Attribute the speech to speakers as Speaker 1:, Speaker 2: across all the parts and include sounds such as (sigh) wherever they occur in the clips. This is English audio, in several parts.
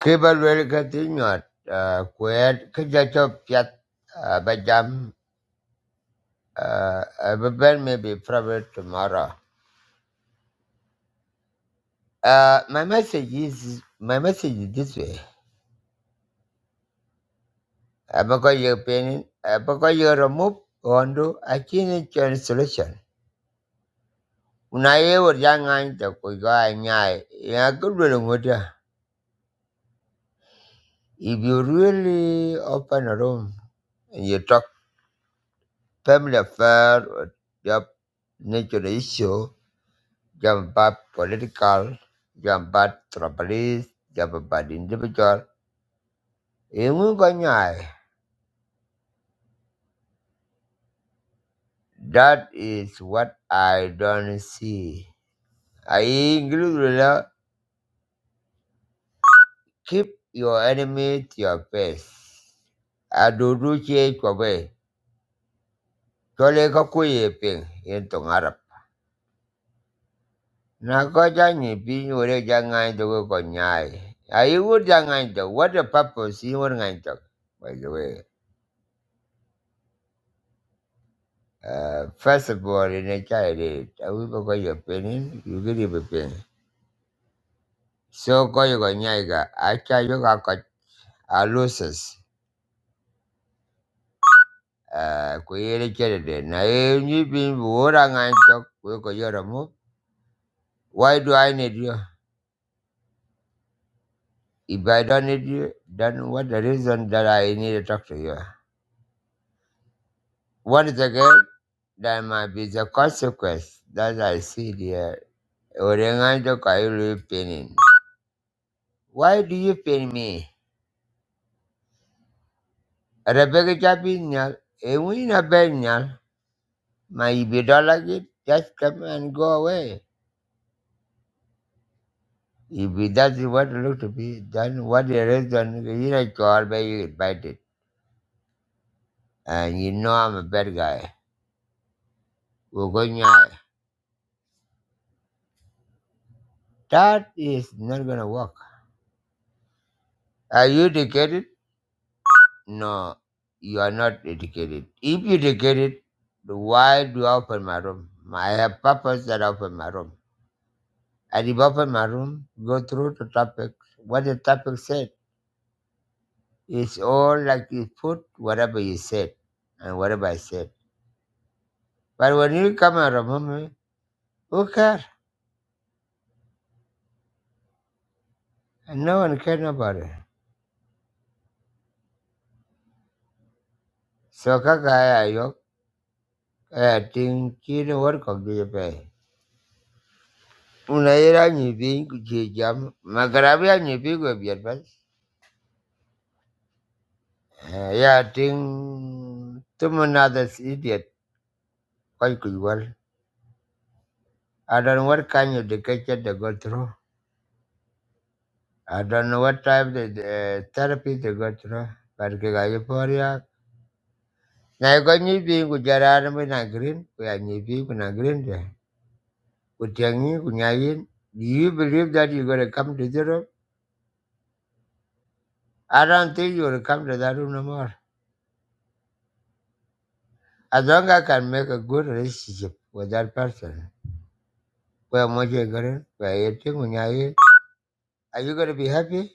Speaker 1: Kibble continued uh, Quaid Kijato Piat uh, Bajam uh, Everybody may be probably tomorrow. Uh, my message is my message is this way. Uh, because you're painting, uh, because you remove Hondo, I can't change solution. When I ever young I talk with guy nyai, yeah, good will with ya. If you really open a room and you talk family affair or job nature issue, Jump political, jump tribalist, jump individual. Ingu konyai. That is what I don't see. I include keep your enemy to your face. Adudu che kwabe. Chole kakuye ping in tong Arab. Na ko janyi pin ure jangai to go konyai. Ayu jangai to what the purpose you want to by the way. Uh, first of all, in a child, eh, I will go your penny, you get him a penny. So go you go nyaga, I tell you got got a loses. Uh, kuyere chere Now, eh, you been wora ngan talk we ko yoro mo why do i need you if i don't need you then what the reason that i need to talk to you once again there might be the consequence that i see there Ore ngan chok ayulu pinin why do you pin me Rebecca Chapinyal, Ewina Benyal, my if you don't like it, just come and go away. If that's what it looks to be, then what the reason you know you all by you get bited. And you know I'm a bad guy. We're going out. That is not gonna work. Are you educated? No, you are not educated. If you educated, why do I open my room? I have purpose that I open my room. And if I open my room, go through the topic. What the topic said It's all like you put whatever you said and whatever I said. But when you come and remember, who care? And no one care about it. So kaka yo I think chino work of the pay. Una era ni bin kuchi jam magarabia ni bin go biar bas. Ya ting tumo nadas idiot quite good well. I don't know what kind of education they go through. I don't know what type of uh, therapy they go through. But kaka yo poria na ko nyi ku jara na na green ku ya nyi ku na green de ku tiang yi ku nya do you believe that you gonna come to Europe? I don't think you will come to that room no more. As long as I can make a good relationship with that person, where Mojo Garen, where Yeting Unyaye, are you gonna be happy?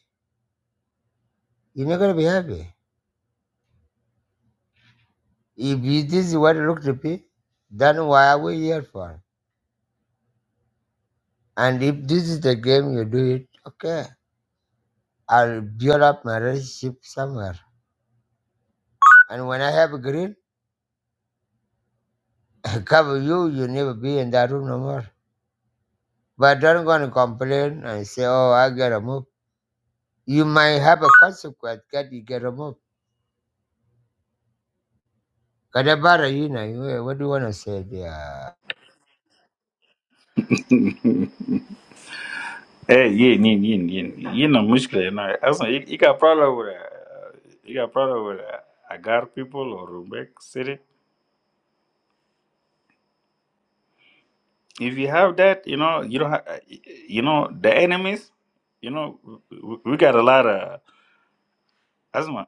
Speaker 1: You're not gonna be happy. If you- this is what it looks to be, then why are we here for? And if this is the game you do it, okay. I'll build up my relationship somewhere. And when I have a green. I cover you, you never be in that room no more. But don't go and complain and say, oh, I get removed. You might have a consequence that you get removed. Kadabara yina, eh, what do you want to say there?
Speaker 2: Hey, yeah, yeah, yeah, yeah. You know, mushkila, you know. Also, you, you got problem with, uh, you got problem with uh, Agar people or Rumbek City. If you have that, you know, you don't have, you know, the enemies, you know, we, we got a lot of asthma.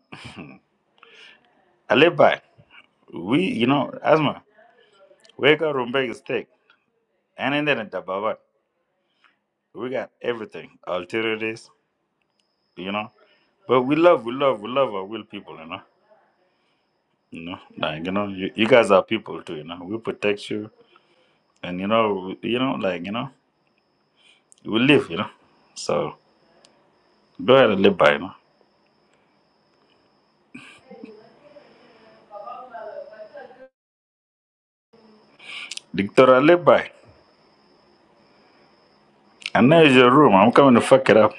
Speaker 2: I live by. We, you know, asthma. Wake up, Rumbek is thick. And then the Baba, we got everything. Alternatives, you know. But we love, we love, we love our will people, you know. You know, like, you know, you, you guys are people too, you know. We protect you and you know, you know, like you know, we live, you know. So go ahead and live by, you know. Dictator, live by. And now is your room. I'm coming to fuck it up.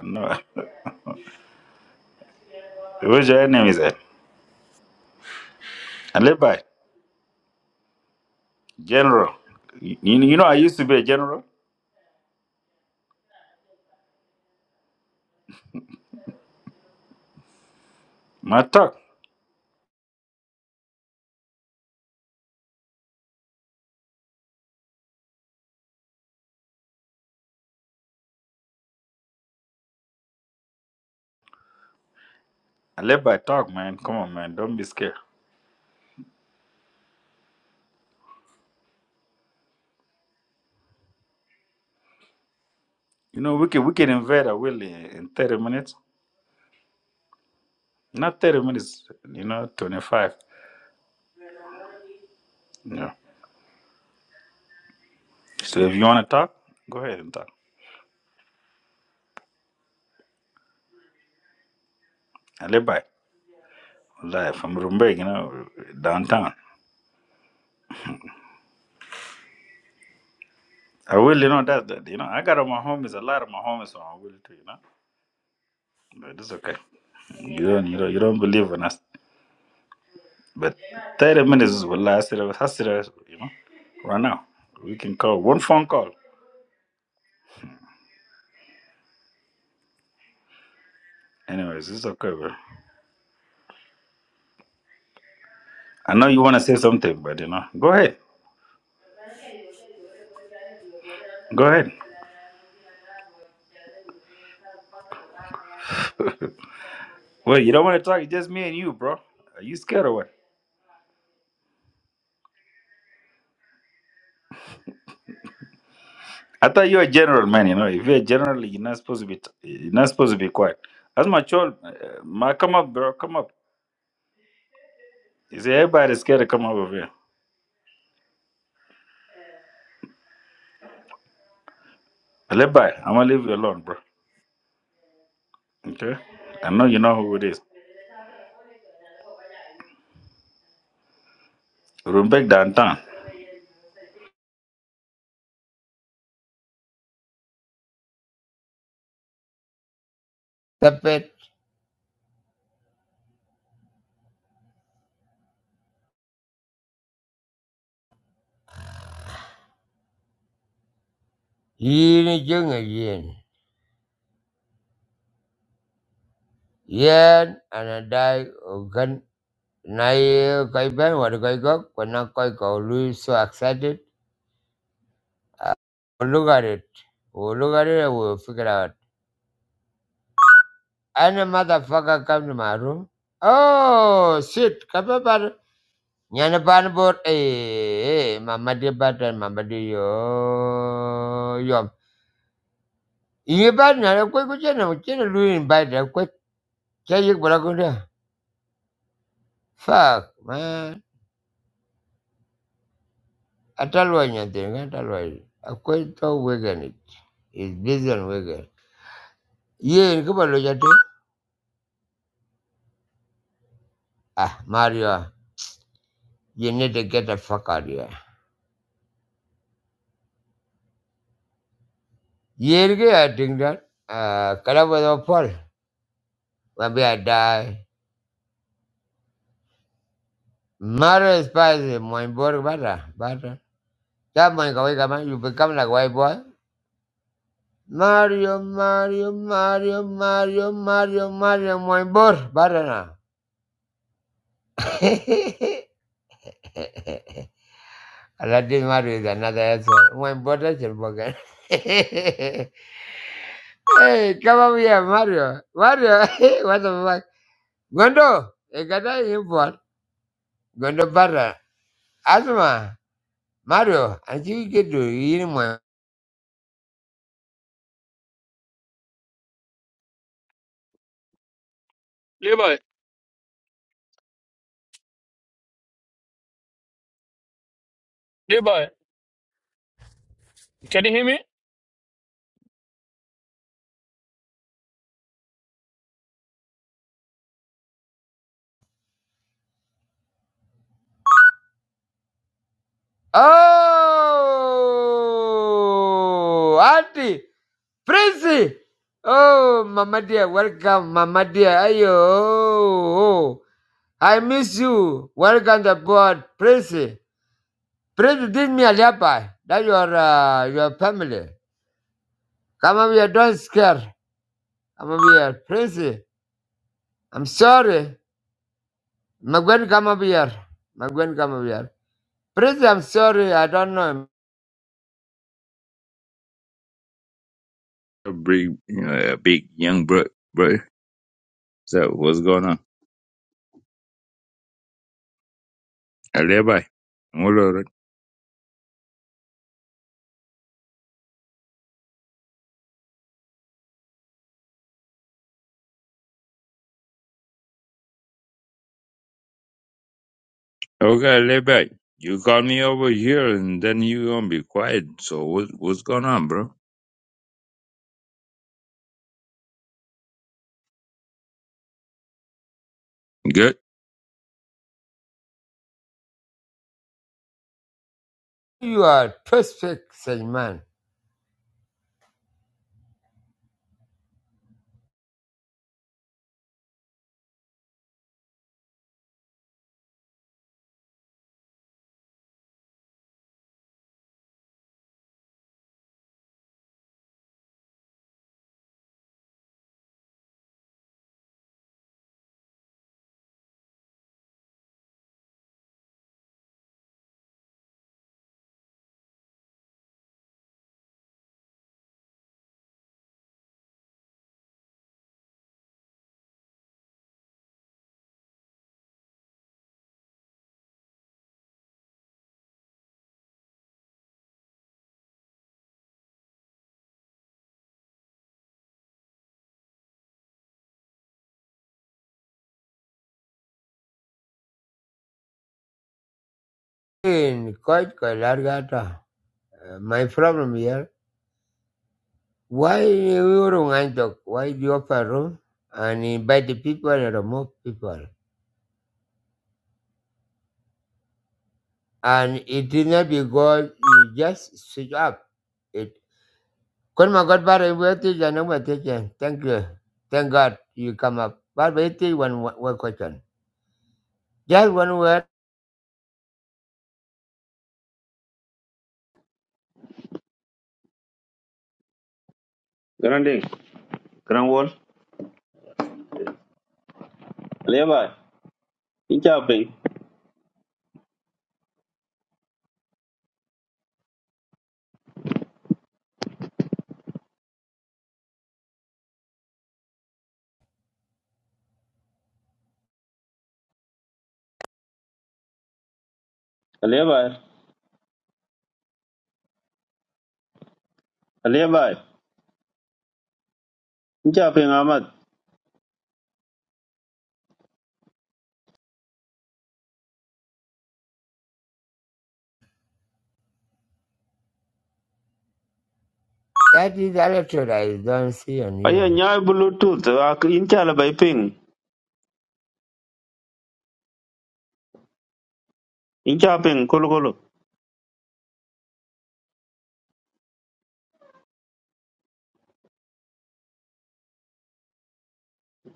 Speaker 2: No, (laughs) where's your enemies at? I live by general. You, you know, I used to be a general. My talk. I live by talk, man. Come on, man. Don't be scared. You know, we can we can invade a will in in 30 minutes. Not 30 minutes. You know, 25. Yeah. So if you wanna talk, go ahead and talk. I live by. Life. I'm Rumbeg, you know, downtown. I will, you know, that, that you know, I got on my homies, a lot of my homies from I will too, you know. But it's okay. You don't you don't you don't believe in us. But thirty minutes is will last it has it, you know. Right now. We can call one phone call. Anyways, it's okay, bro. I know you wanna say something, but you know. Go ahead. Go ahead. Well, you don't wanna talk, it's just me and you, bro. Are you scared or what? I thought you're a general man, you know. If you're a general, you're not supposed to be t- you're not supposed to be quiet. That's my child. Uh, my come up, bro, come up. You see everybody's scared to come up over here. Levi, I'm gonna leave you alone, bro. Okay? I know you know who it is. Rumbek downtown.
Speaker 1: Tapet, yini junga yin. Yen, anadai, ogan, na ye koi ben, what koi gok, wana koi ko Louis so excited. Uh, we'll look at it. We'll look at it and we'll figure out. Any motherfucker come to my room. Oh, shit, kababara. Yani ban bor eh eh, mama dia badan mama dia yo yom. Ini badan aku ikut channel channel lu ini badan aku cari berlaku dia. Fuck man. Ada luarnya tu kan ada luar. Aku vegan It's vegan vegan. Ye ini kau Ah Mario, you need to get the fuck out of here. Ye I think that. Ah kalau bawa pol, maybe I die. Mario spicy, my bor bara bara. That man kawai kama you become like white boy. Mario, Mario, Mario, Mario, Mario, Mario, my boy, Barana. (laughs) Aladdin Mario is another asshole. My brother is broken. (laughs) hey, come over here, Mario. Mario, (laughs) what the fuck? Gondo, you got that import. Gondo Barana. Asma, Mario, and you get to eat my.
Speaker 3: Levi, Levi, can you hear me?
Speaker 1: Oh, Auntie. Prissy! Oh, Mama dear, welcome, Mama dear. Ayo, oh, oh. I miss you. Welcome to board, Prissy. Prissy, did me a leopard. That your uh, your family. Come over here, don't scare. Come over here, Prissy. I'm sorry. Magwen, come over here. Magwen, come over here. Prissy, I'm sorry. I don't know.
Speaker 4: a big, you know, a big young bro, bro. So what's going on? Levi, hold on. Okay, Levi, you called me over here, and then you gonna be quiet. So what, what's going on, bro? Good.
Speaker 1: You are too sick, man. In quite quite large. My problem here. Why you wrong talk? Why do you open room and invite the people and remove people? And it is not because you just switch up. It. Kon ma God bare we teach and we teach. Thank you. Thank God you come up. But we teach one one one question. Just one word.
Speaker 5: Grand Ding, Grand Wall. Aliyabai, incha ping. Aliyabai, Aliyabai, incha ping Ahmad.
Speaker 1: That is the attitude I don't see on
Speaker 5: Aya
Speaker 1: here.
Speaker 5: nyai Bluetooth, ak- incha la bai ping. Incha ping, kolo kolo.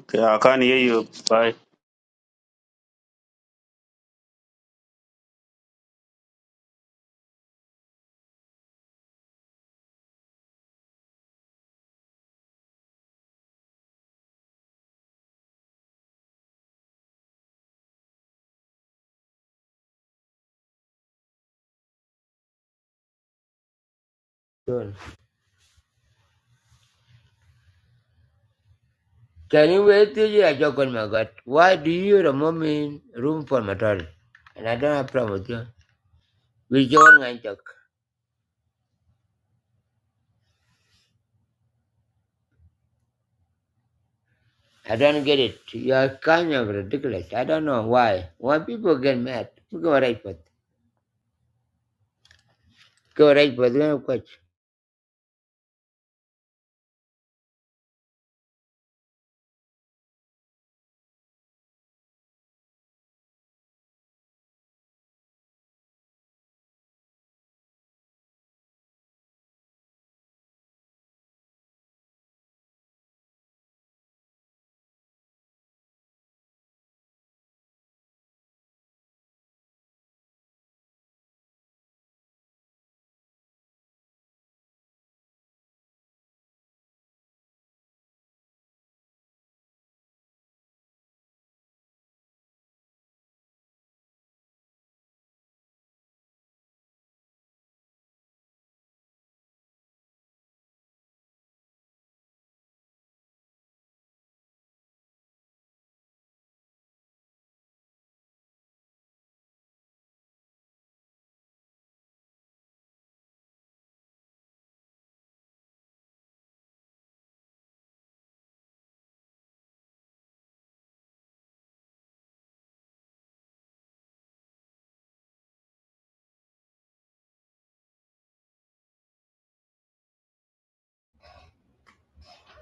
Speaker 5: Ka kan ye yo, bai.
Speaker 1: Don't. Can you wait till you are joking, my God? Why do you remove me room for my daughter? And I don't have problem with you. We join and talk. I don't get it. You are kind of ridiculous. I don't know why. Why people get mad? Go right path. Go right path. Go coach.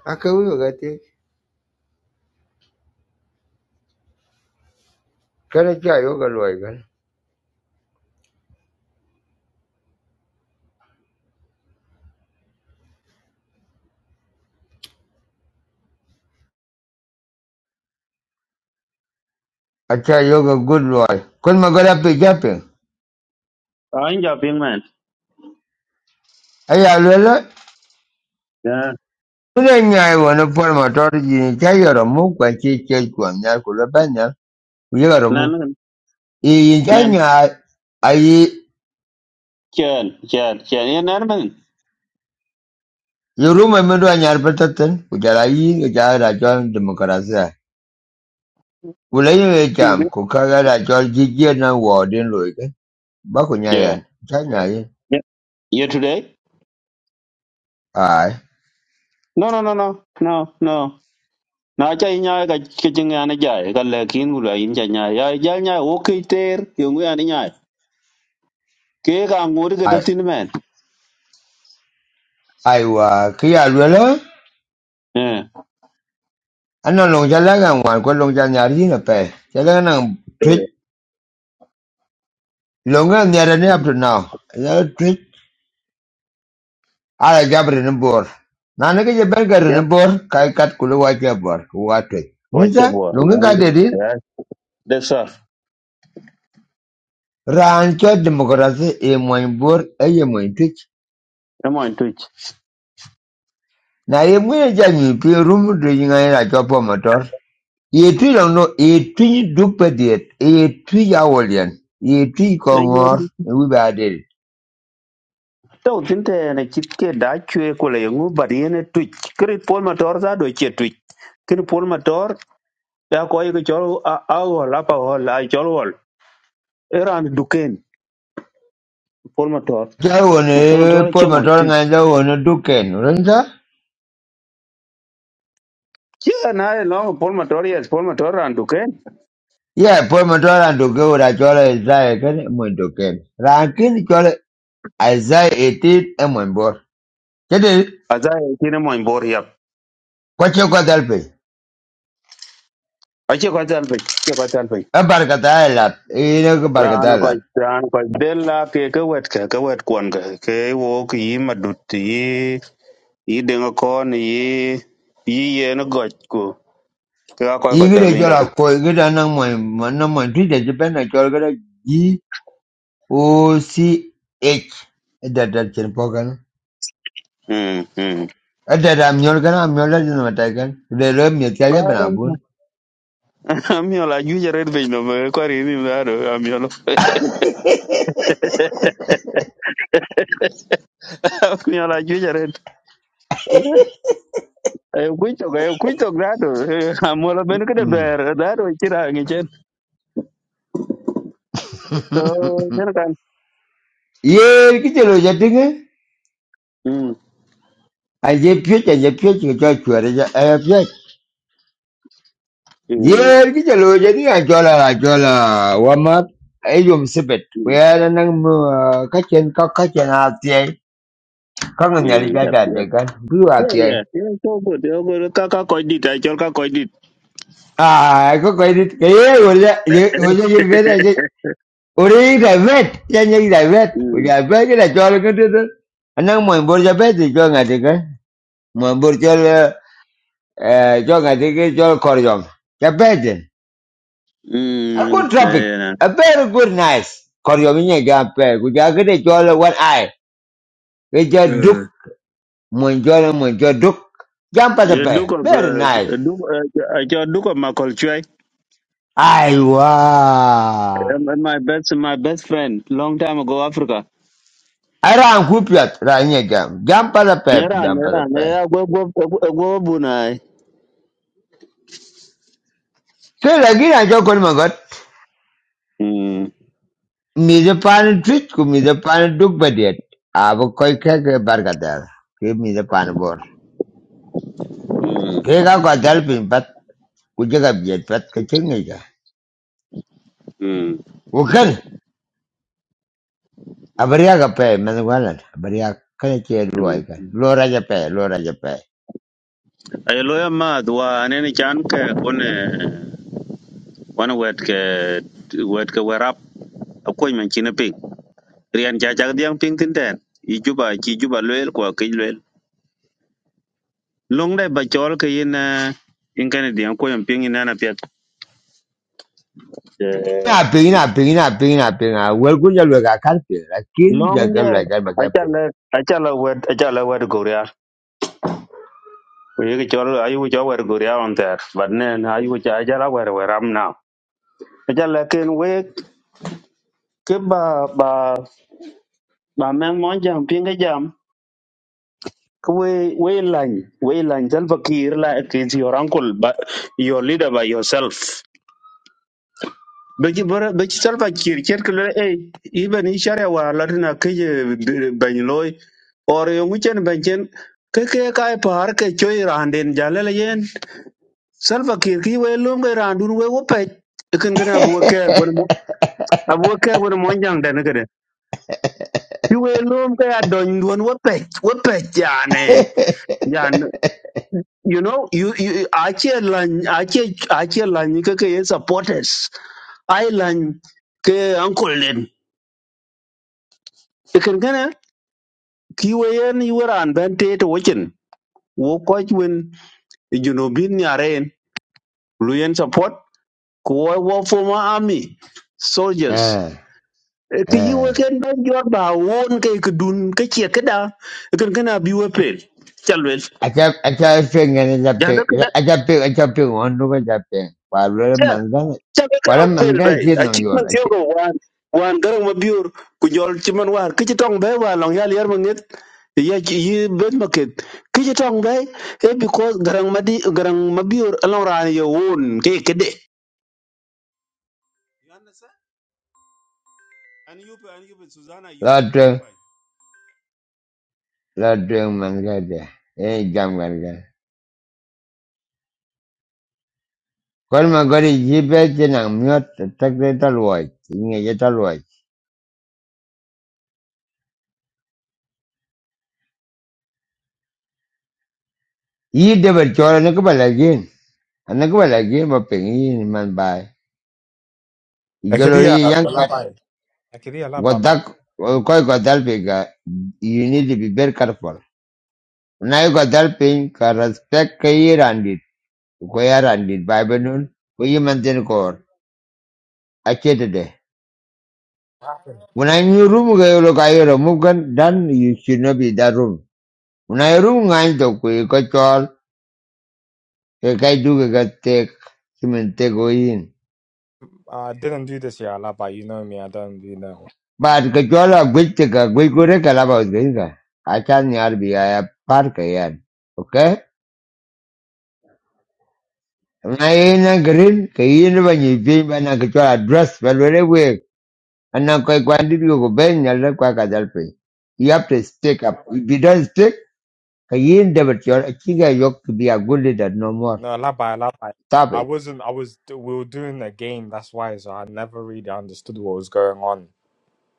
Speaker 1: Aka wiyo gati. Kana cha yoga loy I try yoga good loy. Kun magala pe jape.
Speaker 5: Ah, incha ping man.
Speaker 1: Aya lela.
Speaker 5: Yeah.
Speaker 1: Kuna nyai wana forma tori jini cha yoro mu kwa chi che kwa nya kula banya. Uyaga romu.
Speaker 5: Nan,
Speaker 1: Iyi cha
Speaker 5: nan.
Speaker 1: nya ayi
Speaker 5: Chan, chan, chan. Yeah, nan man.
Speaker 1: yoruma mendo anyar pataten. Ujala yi ujala rajon demokrasia. Wilaya
Speaker 5: You
Speaker 1: jam
Speaker 5: good?
Speaker 1: ku kagala chol ki jie na wo din loi ke ba ku
Speaker 5: Yeah.
Speaker 1: yin.
Speaker 5: Yeah. You today?
Speaker 1: ai
Speaker 5: No, no, no, no, no, no. Na cha inya ka kichin ana jai ka lekin gula in cha nya ya jal nya wo kiter yungu ana nya ke ka ngur ke
Speaker 1: ai
Speaker 5: tin men
Speaker 1: ai wa kia ya lwe la
Speaker 5: Eh,
Speaker 1: long cha la ga ko long cha nyar yin na pe cha la twit
Speaker 5: Eh,
Speaker 1: long ga ni up to now la twit ala jabri ni bor na ne ke je ber gar ni
Speaker 5: Yep,
Speaker 1: bor kai kat ku wa che wa twit
Speaker 5: wacha
Speaker 1: musa
Speaker 5: bor.
Speaker 1: long ga de di
Speaker 5: Ya, de sar.
Speaker 1: ran demokrasi e mo bor e ye mo twit
Speaker 5: Emo en twitch.
Speaker 1: na ye mo ja ni pi rum de ngai la cho motor Yetwi lang no, yetwi dupediet, yetwi yawolian, yetwi
Speaker 5: Tao tin
Speaker 1: kongor, we badil.
Speaker 5: tau tinte na chit ke da chue ko le ngu bar yen twitch. Kri pol motor za do che twitch. Kri pol motor ya ko yi ko a a go la pa ho la chol wol. Eran duken pol motor. Motor
Speaker 1: Jawone,
Speaker 5: motor
Speaker 1: Paul
Speaker 5: che mo
Speaker 1: Matora
Speaker 5: twitch.
Speaker 1: nga jawone duken, urenza?
Speaker 5: Che na no pol motor yes pol motor ran duken.
Speaker 1: Yeah, Paul Matora and duke ura chola Isaiah kene mwen duken. Rakin chola Isaiah 18 e mwen bor. Chete,
Speaker 5: Aza yen mo bor yap.
Speaker 1: kwache kwa dalpe,
Speaker 5: Ache ko tal pe. Che ko tan
Speaker 1: e barkata e lat, e ine ke
Speaker 5: Raan
Speaker 1: barkata jola lat.
Speaker 5: kɔc raan kɔc del la ke ke wɛt kɛ ke wɛt kuɔn kɛ ke wo ke yi madut yi yi deŋa kɔɔn yi yi yen gɔc ku ke ka kɔc kɔc dhal
Speaker 1: Igide
Speaker 5: piny
Speaker 1: chola
Speaker 5: kaka
Speaker 1: koi, gida nang mwen, nang mwen tuje jipena G O C H. gida G-O-C-H. E dadat chen
Speaker 5: Mm, mm.
Speaker 1: Ada ramyol kana amyol la jino matakan. Udah lo mietya ya benabun.
Speaker 5: (laughs) amiɔl ajuic aret piny no kɔr yi mim dhado amiɔl amiɔl ajuic aret kuc tok kuc tok dhado amuɔl (laughs) ben kede bɛɛr dhado ci raŋi cen so ken kan
Speaker 1: Yer (laughs) kita lo jadi kan?
Speaker 5: Mm,
Speaker 1: Aje piot aje piot kita juara aja aja piot.
Speaker 5: mm,
Speaker 1: Yer kita lo jadi aja lah aja lah. Wamat ayom sebet. Kaya nang uh, kacian kau kacian hati ay. Kau
Speaker 5: mm,
Speaker 1: ngenyali jaga
Speaker 5: mm.
Speaker 1: deh kan? Dua
Speaker 5: Yeah,
Speaker 1: hati ay.
Speaker 5: yeah. Yeah, so good. So good. Kaka koidit. I chol ka koidit.
Speaker 1: Ah, kau kau ini kaya udah udah jadi
Speaker 5: (laughs)
Speaker 1: kan? Uri David, yan yung David. Uri
Speaker 5: Mm.
Speaker 1: David, kina chol ka dito. Anang mo imbor David, chol nga tika. Mo imbor chol, eh, chol nga tika, chol koryom. a
Speaker 5: Mm.
Speaker 1: good topic.
Speaker 5: Yeah, na.
Speaker 1: A very good nice. Koryom niya jam pe. Kuja ka de chol one eye. Kuja duk,
Speaker 5: Mm.
Speaker 1: mo chol, mo chol duk. Jam pa sa
Speaker 5: Yeah, Duke
Speaker 1: pe.
Speaker 5: of
Speaker 1: Very
Speaker 5: uh,
Speaker 1: nice.
Speaker 5: Duke, uh, I chol Duke of Makolchwai.
Speaker 1: Aiwa.
Speaker 5: Um, uh, my best, my best friend. Long time ago, Africa.
Speaker 1: Ara ang kupiat, ra niya jam. Jam pa sa pe,
Speaker 5: Nera,
Speaker 1: jam pa sa
Speaker 5: nera,
Speaker 1: pe.
Speaker 5: nera. Go, go, go, go, bunai.
Speaker 1: So lagi na chol kon magot.
Speaker 5: Mm.
Speaker 1: Mizapani twitch ku mizapani duk badiet. Abo koi ke ke bargadar. Ke mizapani bor.
Speaker 5: Mm.
Speaker 1: Ke ka ko dal pin pat ku jaga biet pat ke chingi ka.
Speaker 5: Mm.
Speaker 1: Ukan abariya ka pe manwalan abariya kana che ruai
Speaker 5: Mm.
Speaker 1: Lora ja pe lora ja pe.
Speaker 5: Ay loya mad wa anene chan ke one one wet ke wet ke werap akoy man chinaping. rian cha cha diang ping tin ten i juba chi juba lwel kwa ke lwel long dai ba chol ke in eh, in kan diang ko yam ping ina na pet Eh,
Speaker 1: Na pin na pin na pin na pin a wel ku jalu ka kar pin. Lakin
Speaker 5: long
Speaker 1: jaga
Speaker 5: dia
Speaker 1: lu
Speaker 5: achala achala wet achala wet go ria we ke chol ayu cho wet go ria on ter but ne na ayu cha achala wet we ram now achala ken we ke ba ba ba men mon jam ping ke jam ke we we lan we lan jal fakir la ke your uncle but your leader by yourself Beki bara beki salva kir ker kule eh iben ishare wa latina kije banyloi or yonguchen banchen ke ke kai par ke choi randen jalele yen salva kir ki we lum ke randun we wo pe e ken kana bu ke gon mo abu ke gon mo jang den kede ki we lum ke adon don wo pe wo pe jane jan you know you, you ache lan ache ache lan ke ke supporters ai lan ke uncle den ken ki weyen iweran ben te to wechen wo koch wen junubin nyaren luyen support ko wo wo former army soldiers
Speaker 1: Eh
Speaker 5: Eh, ki yi
Speaker 1: eh.
Speaker 5: weken ben jor ba won ke kdun ke che keda ken kana bi we pel chalwel
Speaker 1: Acap acapit ngani
Speaker 5: janda
Speaker 1: capit
Speaker 5: kada
Speaker 1: acapit acapit ngon rupa capit paru mangga
Speaker 5: cabe kaw
Speaker 1: paru
Speaker 5: pel
Speaker 1: mangga
Speaker 5: bay
Speaker 1: cip nong
Speaker 5: acik
Speaker 1: yor
Speaker 5: man tio ko wan wan garang ma biur ku jol ci man war ki ci tong bay wa long yal yar ma nget ya ci yi ben ma ket ki ci tong bay e because garang ma di garang ma biur alon ran yo won ke kede
Speaker 1: loteng loteng mangga deh eh jam kan kan kalau mangga di cipet jenang miot tak deh taluai ini aja taluai ini dia bercorak nak kembali lagi anak kembali lagi mau pengen man bay
Speaker 6: Actually,
Speaker 1: jalur
Speaker 6: yeah,
Speaker 1: yang kat
Speaker 6: Alaba. Actually, Alaba, my,
Speaker 1: godak kau godal pega you need to be very careful Now you got helping, respect, Koyaran did Bible nun, Koyamantin Kor, Achetade. When I knew room, Gayokayro Mugan, then you should not be that room. When I room, I took Kachol, Kakaidu Gatek, Simantego in.
Speaker 6: I didn't do this year, Alaba. You know me, I don't do no.
Speaker 1: But Kachola Gwitika, Gwikure Kalaba Gringa. I can't be a park again. Okay? When I ain't a green, Kayin when you dream and I Kachola dress, but very weak. And now Kakwandi, you go bang, I'll let Kwakajalpe. You have to stick up. If you don't stick, Kayin David Yor Chiga Yok to be a good leader no more.
Speaker 6: No, Alaba, Alaba.
Speaker 1: Stop
Speaker 6: I
Speaker 1: it.
Speaker 6: wasn't, I was, we were doing a game, that's why, so I never really understood what was going on.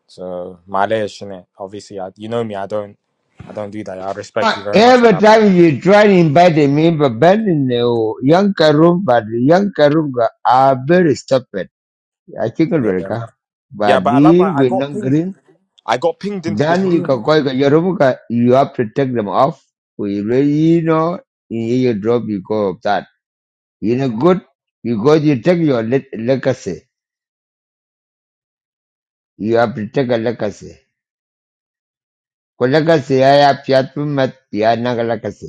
Speaker 6: So, my innit? Obviously, I, you know me, I don't, I don't do that. I
Speaker 1: Uh,
Speaker 6: respect you very much,
Speaker 1: Every
Speaker 6: Alaba.
Speaker 1: time you try to invite me, but Ben in the young room, but the young room are very stupid. I think
Speaker 6: Yeah, man.
Speaker 1: America.
Speaker 6: yeah,
Speaker 1: But
Speaker 6: but
Speaker 1: the
Speaker 6: Alaba, I got
Speaker 1: Gwinnong
Speaker 6: pinged,
Speaker 1: Green,
Speaker 6: I got pinged into this
Speaker 1: then you
Speaker 6: room.
Speaker 1: can call your room, you have to take them off. We really, you know, in your drop because of that. You know, good, because you take your le- legacy. You have to take a legacy. Kolakasiaya Piatumat Pianagalakasi.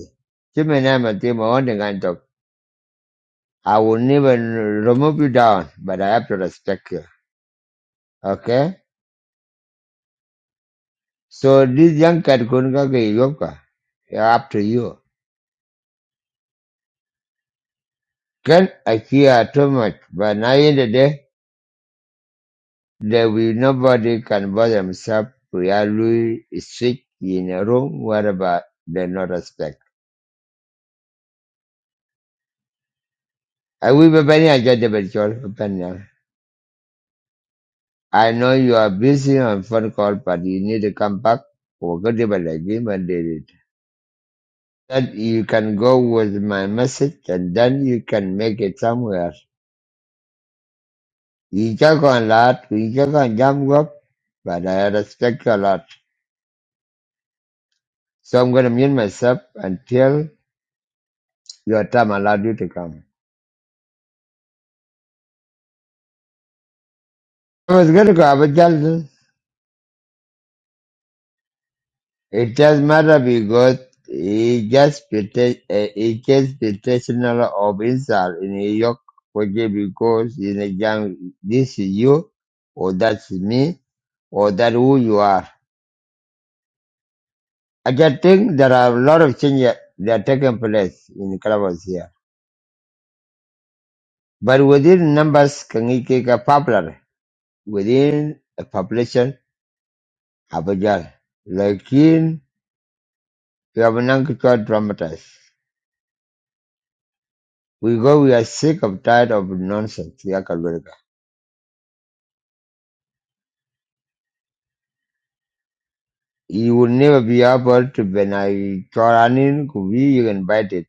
Speaker 1: Chiminama Timoantok. I will never remove you down, but I have to respect you. Okay? So this young cat couldn't go. yoga. Up to you. Can I appear too much, but now in the day there will nobody can bother himself We are really sick in a room wherever they no respect. I will be very agitated, but I know you are busy on phone call, but you need to come back for Godival agreement did it. That you can go with my message and then you can make it somewhere. You joke a lot, you joke on jam up, but I respect you a lot. So I'm gonna mute myself until your time allowed you to come. I was gonna go, I was It does matter because it gets prote- eh, it gets protection of insult in New York forget because in a young this is you or that's me or that who you are. I can think there are a lot of changes that are taking place in clubs here. But within numbers can it get a popular within a population Abajal. Like in we have an uncontrolled dramatized. We go we are sick of tired of nonsense. You will never be able to when I Choranin could be you invited.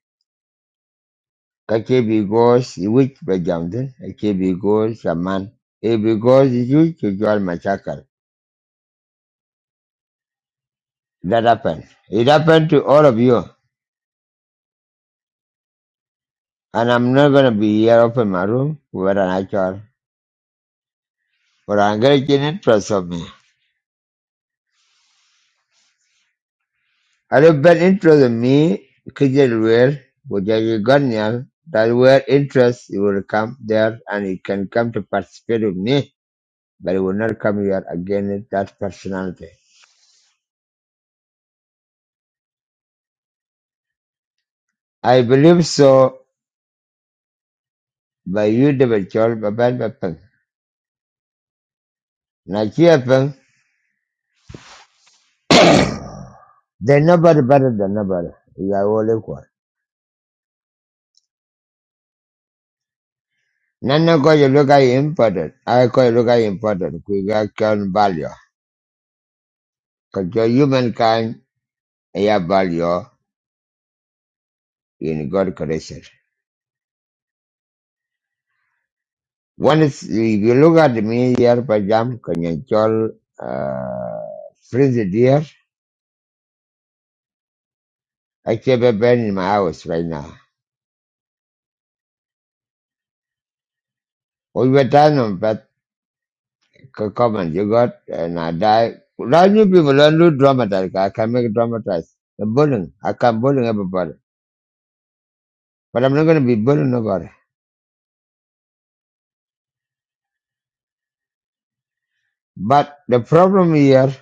Speaker 1: Kake because which Bajamden, Kake because a man. It because you to join my shackle. That happened. It happened to all of you. And I'm not gonna be here open my room with an actual but I'm gonna get interest of me. I don't bet interest in me because where which I got that where interest it will come there and you can come to participate with me. but it will not come here again that personality. I believe so by you double chol baban bapan. Na kia pang, they nobody better than nobody. We are all equal. Nana ko you look at important. I ko you look at important. We got can value. Cause your humankind have value in God creation. One is if you look at me here, for jam, can you chol uh freeze deer? I keep a band in my house right now. We were done on c- comment you got, and I die. Right, you people don't do dramatize. I can make dramatize. The bullying, I can bullying everybody, but I'm not going to be bullying nobody. But the problem here,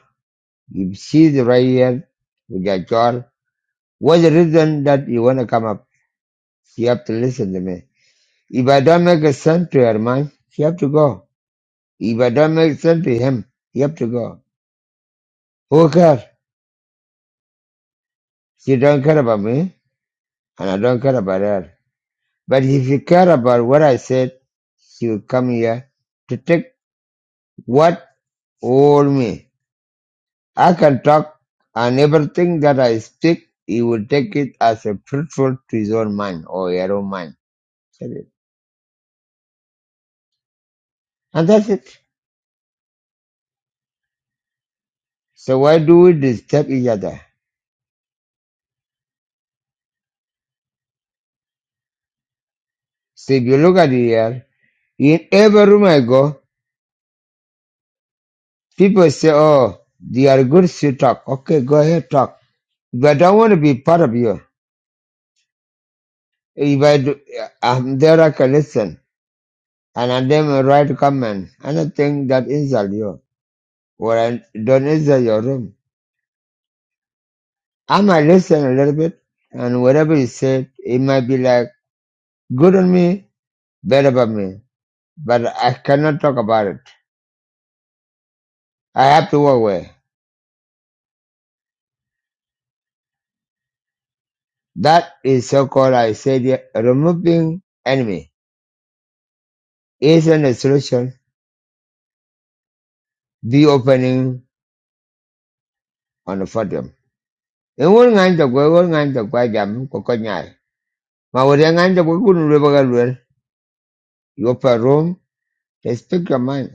Speaker 1: you see the right here with your child. What's the reason that you want to come up? You have to listen to me. If I don't make a sense to her mind, she have to go. If I don't make sense to him, he have to go. Who cares? She don't care about me, and I don't care about her. But if you care about what I said, you come here to take what all me. I can talk and everything that I speak, he will take it as a fruitful to his own mind or your own mind. That's it. And that's it. So why do we disturb each other? So if you look at it here, in every room I go, people say, oh, they are good to talk. Okay, go ahead, talk. But I don't want to be part of you. If I do, I'm there, I can listen. and I them a right comment, anything that insult you, or I don't insult your room. I might listen a little bit, and whatever you said, it might be like good on me, bad about me, but I cannot talk about it. I have to walk away. That is so-called, I said, yeah, removing enemy isn't a solution. Be opening on the podium. In one kind of way one kind of way jam, cocoa nyai. Ma wuri ngan da gwai gudun ruwa ga You open a room, they speak your mind.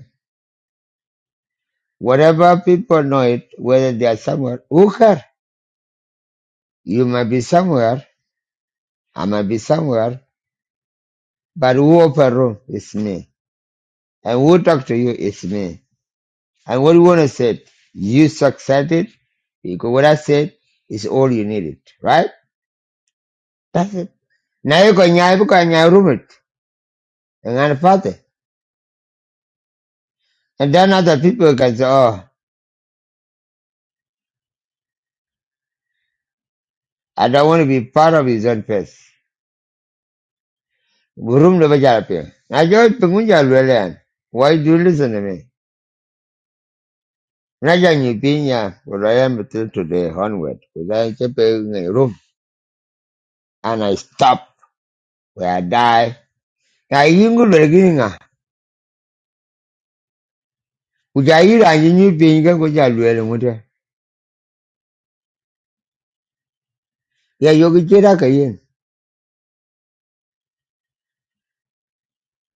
Speaker 1: Whatever people know it, whether they are somewhere, who care? You might be somewhere, I might be somewhere, but who open room is me. And who talk to you is me. And what you want to say, you succeeded, because what I said is all you needed, right? That's it. Now you can nyai because nyai room it, and I'm party. And then other people can say, oh, I don't want to be part of his own face. Room the bajalapia. Now you pengunja lwelean. Why do you listen to me? Naja Nyibinya, what I am till today onward, because I kept in a room and I stop where I die. I I go Na yingu leginga, kujayira nyinyi pinga Yeah, you Ya yogi chira kayin.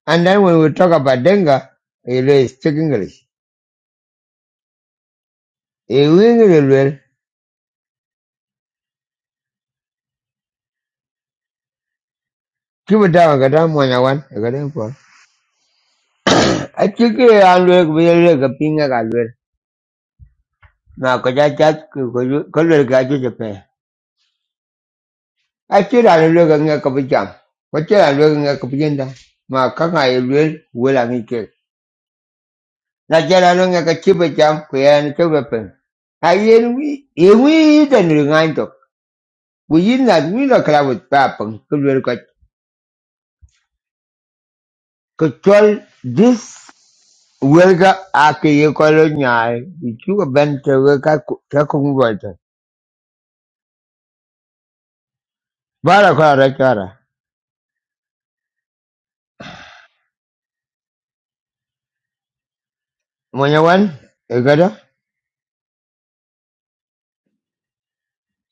Speaker 1: And then when we talk about denga, it is speak English. E wingi I kiba dawa kata mwanya wan, kata mpo. A chiki ya lwele kubiyele kapinga ka lwele. Na kujaja kulwele kajuja Achiel an ilwe ke nge ke pijam. Kwachiel an ilwe ke nge ke pijinda. Ma ka nga ilwe wel an ike. Na chiel an nge ke chi pijam kwe an ke wepen. A yen wi, e wi den ri ngain tok. Wi yin na wi na kla wit a ke ye ko lo nyai. I chu ka ben te we ka ku- chara. Mwenye wan, e gada.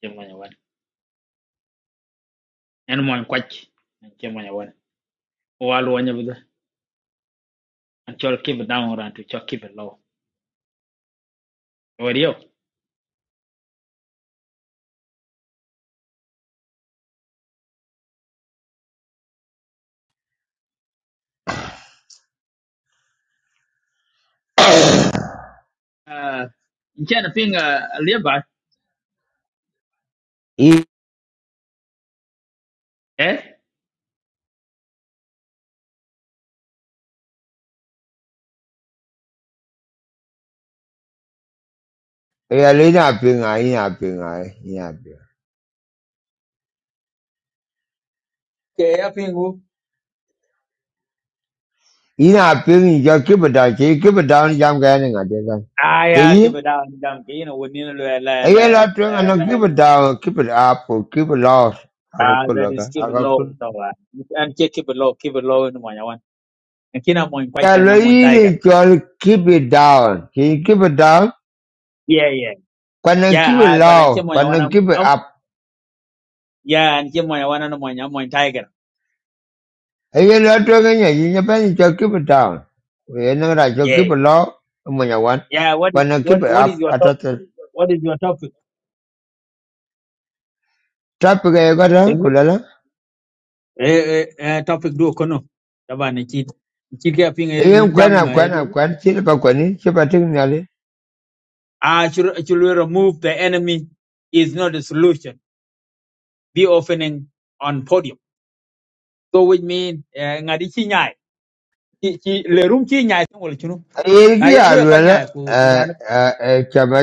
Speaker 7: chimwanya wan en mon kwach en chimwanya wan wal wanya bida an chol keep it down ran to chol keep it low where you uh in chana thing uh liba eh
Speaker 1: e pinga, ina pinga, ina
Speaker 7: Okay.
Speaker 1: ina ping ya kibada che kibada ni jam ga ni ga de ga
Speaker 7: ah
Speaker 1: che yin
Speaker 7: Damn. ke ina woni na la la la
Speaker 1: aye la tuen
Speaker 7: la
Speaker 1: ana kibada kibada up kibada aga
Speaker 7: ah that
Speaker 1: kula ga
Speaker 7: is keep it
Speaker 1: aga
Speaker 7: low
Speaker 1: kun
Speaker 7: to wa. And ke keep it low, keep it low in one wan. And kina mo in
Speaker 1: ya
Speaker 7: kwaita
Speaker 1: lo
Speaker 7: na mo in tiger.
Speaker 1: yin chol kibada che kibada
Speaker 7: Yeah, yeah.
Speaker 1: kana
Speaker 7: Yeah, ah but an ke
Speaker 1: kibada
Speaker 7: moya
Speaker 1: kana
Speaker 7: wan am
Speaker 1: kibada
Speaker 7: am-
Speaker 1: up
Speaker 7: yeah, and came on one moya wan na moya mo in tiger.
Speaker 1: aye la tuen ga ni yin pa ni chol kibada we na ra chol
Speaker 7: Yeah, yeah.
Speaker 1: kibada mo ya wan
Speaker 7: Yeah, what is
Speaker 1: kana
Speaker 7: what
Speaker 1: kibada
Speaker 7: what is
Speaker 1: up
Speaker 7: your top
Speaker 1: atata
Speaker 7: what is your topic?
Speaker 1: tap ga ga da kula la
Speaker 7: eh eh topic do kono tabane ci ci ga pinga
Speaker 1: aye
Speaker 7: yin
Speaker 1: kwena
Speaker 7: jam eh,
Speaker 1: kwena
Speaker 7: don-
Speaker 1: kwen chi pa kweni chi pa ting
Speaker 7: ah should should we remove the enemy is not the solution be opening on podium so which mean eh, ngadi ci nyaay ci ci le rum ci nyaay to wala chunu na
Speaker 1: എനിക്ക്
Speaker 7: yen nguye ko
Speaker 1: യാതൊരു
Speaker 7: nyaay ku ku dana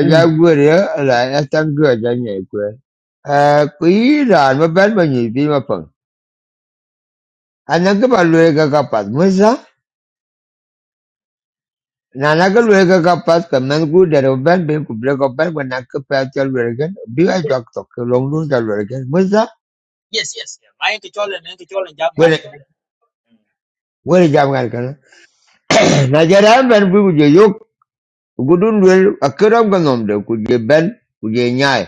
Speaker 7: mm.
Speaker 1: tangu janye kwe Eh kui ran ba ban ba ni bi ma pang anan ka ba lue ka ka pat musa na na ka lue ka ka pat ka man ku der ba ban be ku bre ka ban ba na ka pa chal lue ga bi ai tok tok ka long lu chal lue ga musa
Speaker 7: yes yes yeah. ma yen ko cholen yen ko cholen jam kan
Speaker 1: wele
Speaker 7: kene Mm.
Speaker 1: wele jam ngal ka (clears throat) na ja ran ban bu je yok ku dun lue akram ga nom de ku je ban ku je nyai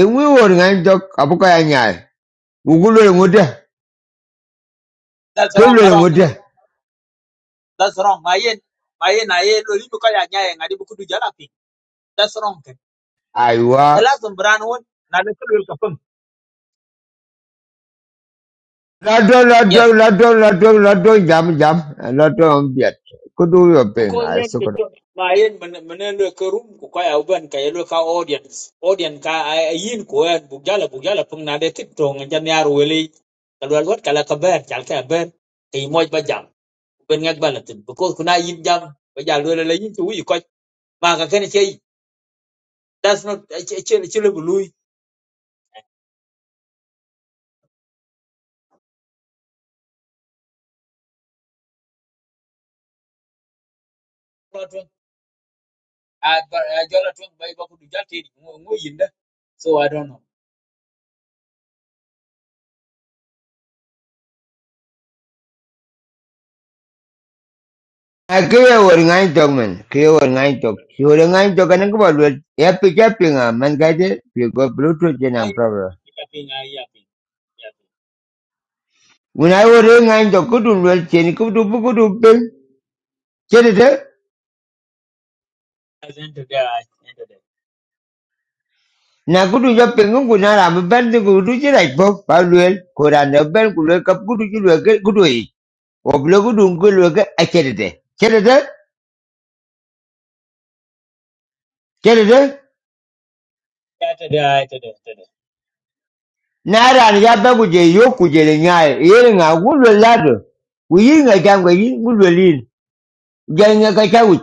Speaker 1: e wi wor ngan tok abu ka nyai ku ku
Speaker 7: that's wrong
Speaker 1: Kilwel
Speaker 7: wrong okay.
Speaker 1: ŋute.
Speaker 7: that's wrong ma yen ma yen na yen lo libu ko ya nyaay ngadi bu kudu jala pi that's wrong ke
Speaker 1: Aiwa.
Speaker 7: elazum bran won na le ko ka pung.
Speaker 1: Lado, lado,
Speaker 7: yes
Speaker 1: lado, lado, lado, jam, jam. and Lado ombiat. Kudu yo ping.
Speaker 7: because
Speaker 1: Ai
Speaker 7: yen ke
Speaker 1: sukuru.
Speaker 7: to ma yen menen le ke room ko ka open ka yelo ka audience audience ka a- a yin ko en bu gala bu gala pung na de tik to ngan jan yar wele ka lwal wat kala ka ber chal ka ber ke moj ba jam ben ngak balatin because kuna yin jam ba ja le le yin tu yi ko ma ka ken che that's not che che che le bulu a ba- a jola tun bai ba ku du jate ngo ngo yin da so i don't know
Speaker 1: Ai kiye wori ngai tok men. Kiye wori ngai tok. Si wori ngai tok kan ko balwel. Ya pija pinga man kaje. Pi go bluetooth
Speaker 7: i
Speaker 1: jenang problem.
Speaker 7: ya ping i ya ping ya ping
Speaker 1: When I wori ngai tok kudu lwel chen kudu bu kudu ping. Chede de.
Speaker 7: at the end of the day
Speaker 1: Na kudu yo ping ku na ram ben de kudu chira ipok. Balwel. Kuran ben kudu kap kudu chilwel kudu i. Oblo kudu kudu ke achede de. Kedede,
Speaker 7: Yeah, today, I today, today.
Speaker 1: nara ni jabe kuje yo kuje le nyaye. Yere nga gulwe lado. Uyi nga jangwe yi gulwe lin. Jai nga kachawit.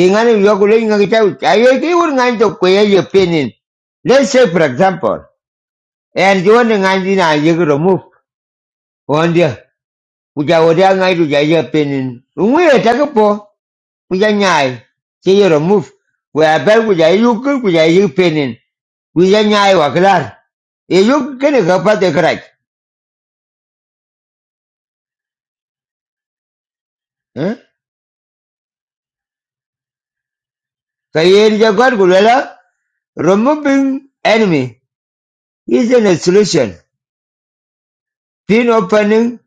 Speaker 1: Ingani yo kule nga kachawit. Ayo ki ur nga nto kweye ye penin. Let's say for example. And you want nga ndi na ye kuro move. Wandia. Kuja wadia nga itu jai ye penin. Ungu ye takapo. Kuja nyaye. Che ye remove. Kwa abel kuja yukul kuja ye penin. Kuja nyaye wakilar. Ye yukul kene kapate krach. Kayer Guardiola, removing enemy isn't a solution. Pin opening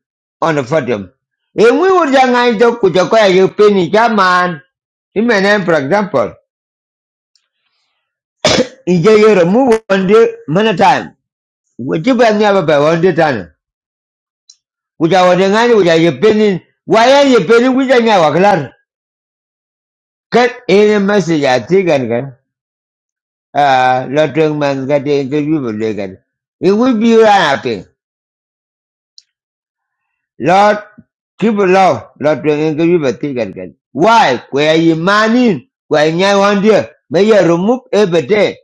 Speaker 1: on the podium. If we were young, I took with a quiet you pin in German. In my name, for example, in Jay remove one day, many time. Would you buy me up by one day time? Which I was angry, which I you pinning. Why are you pinning with a new Cut any message I think and can. Ah, lot of man got the interview with Legan. It will be unhappy. Lord, keep love, Lord, we can give you engage with the Why? Where you money? Where you want to? May you remove everything.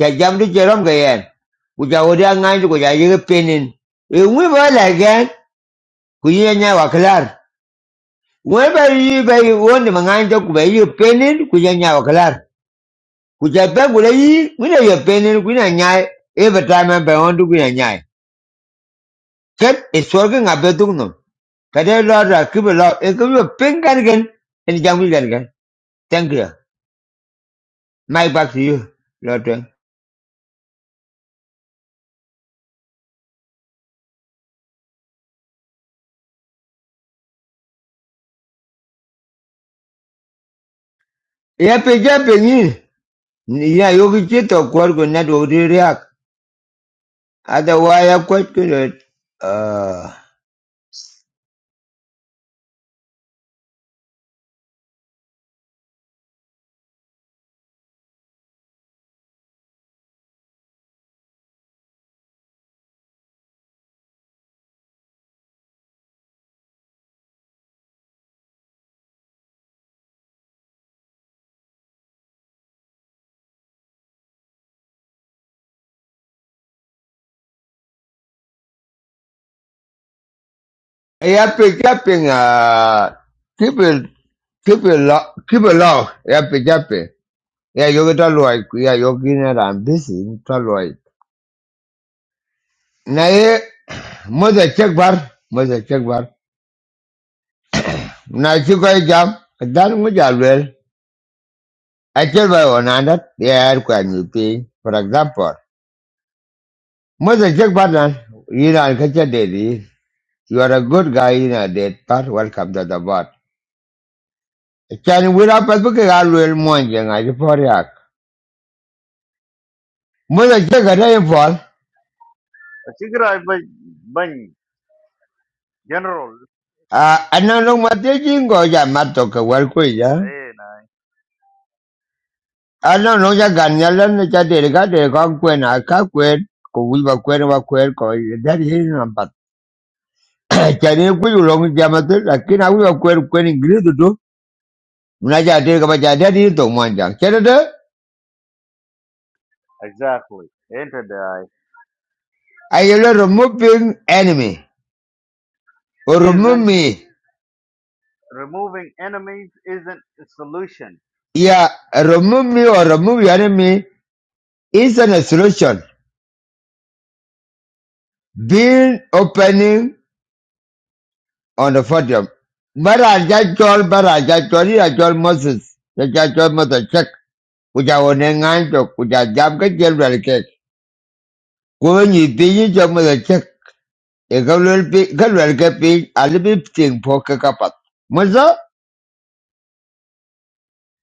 Speaker 1: Chajam to Jerome Gayan. Kuja wodia nganju kuja yege penin. Ewe wala gan, kuja nya wakalar. Weba yi bayi wondi manganjo kuba yi penin, kuja nya wakalar. Kuja pe kule yi, wina yi wi na ye penin, kuja nya, every time I want to kuja nya. Ket is working a Kadai Lord, keep it Lord. It could be a pink gun again and jump gun Thank you. My back to you, Lord. Yeah, pay up in you. Yeah, you could get a quarter good net over react. Otherwise, I'm quite good at, uh, yeah, pay up in, uh, keep it, keep it low, keep it low. Yeah, pay up Yeah, you get a Yeah, you're getting it. I'm busy. Tell lawyer. Now, yeah, mother check bar, mother check bar. Now, you got a job. That was a well. Actually, by one hundred, yeah, can you pay? For example, Mother Jack Barnan, you know, and catch a daddy. You are a good guy in a dead part. Welcome to the bot. Can we up a book? I will mourn you. I for yak. Mother Jack, I am fall.
Speaker 8: Tigray bany bany general
Speaker 1: Ah, I don't know what they think. Go, yeah, Matoka, well, quick, yeah.
Speaker 8: eh, na-
Speaker 1: I don't know, yeah, Ganyalan, the Chadder, got a conquer, I can't quit. We were queer, we were queer, that is not bad. (coughs) Can you quit along with Yamato? Like, can I will quit, quitting, greed to do? Mnaja tiri kapa cha jadi itu tong manja. Chedede,
Speaker 8: exactly entered the eye.
Speaker 1: I will remove enemy. Or remove
Speaker 8: isn't
Speaker 1: me.
Speaker 8: removing enemies isn't a solution
Speaker 1: Yeah, remove me or remove your enemy is an solution. Being opening on the podium. Bara jajol, bara jajol, ira jol Moses. Jajol Moses check. Kuja wone nganjo, kuja jam ke jel welke. Kuwe nyi pinyi jom Moses check. Eka lwel pi, ka lwel ke pinyi, alibi ting po ke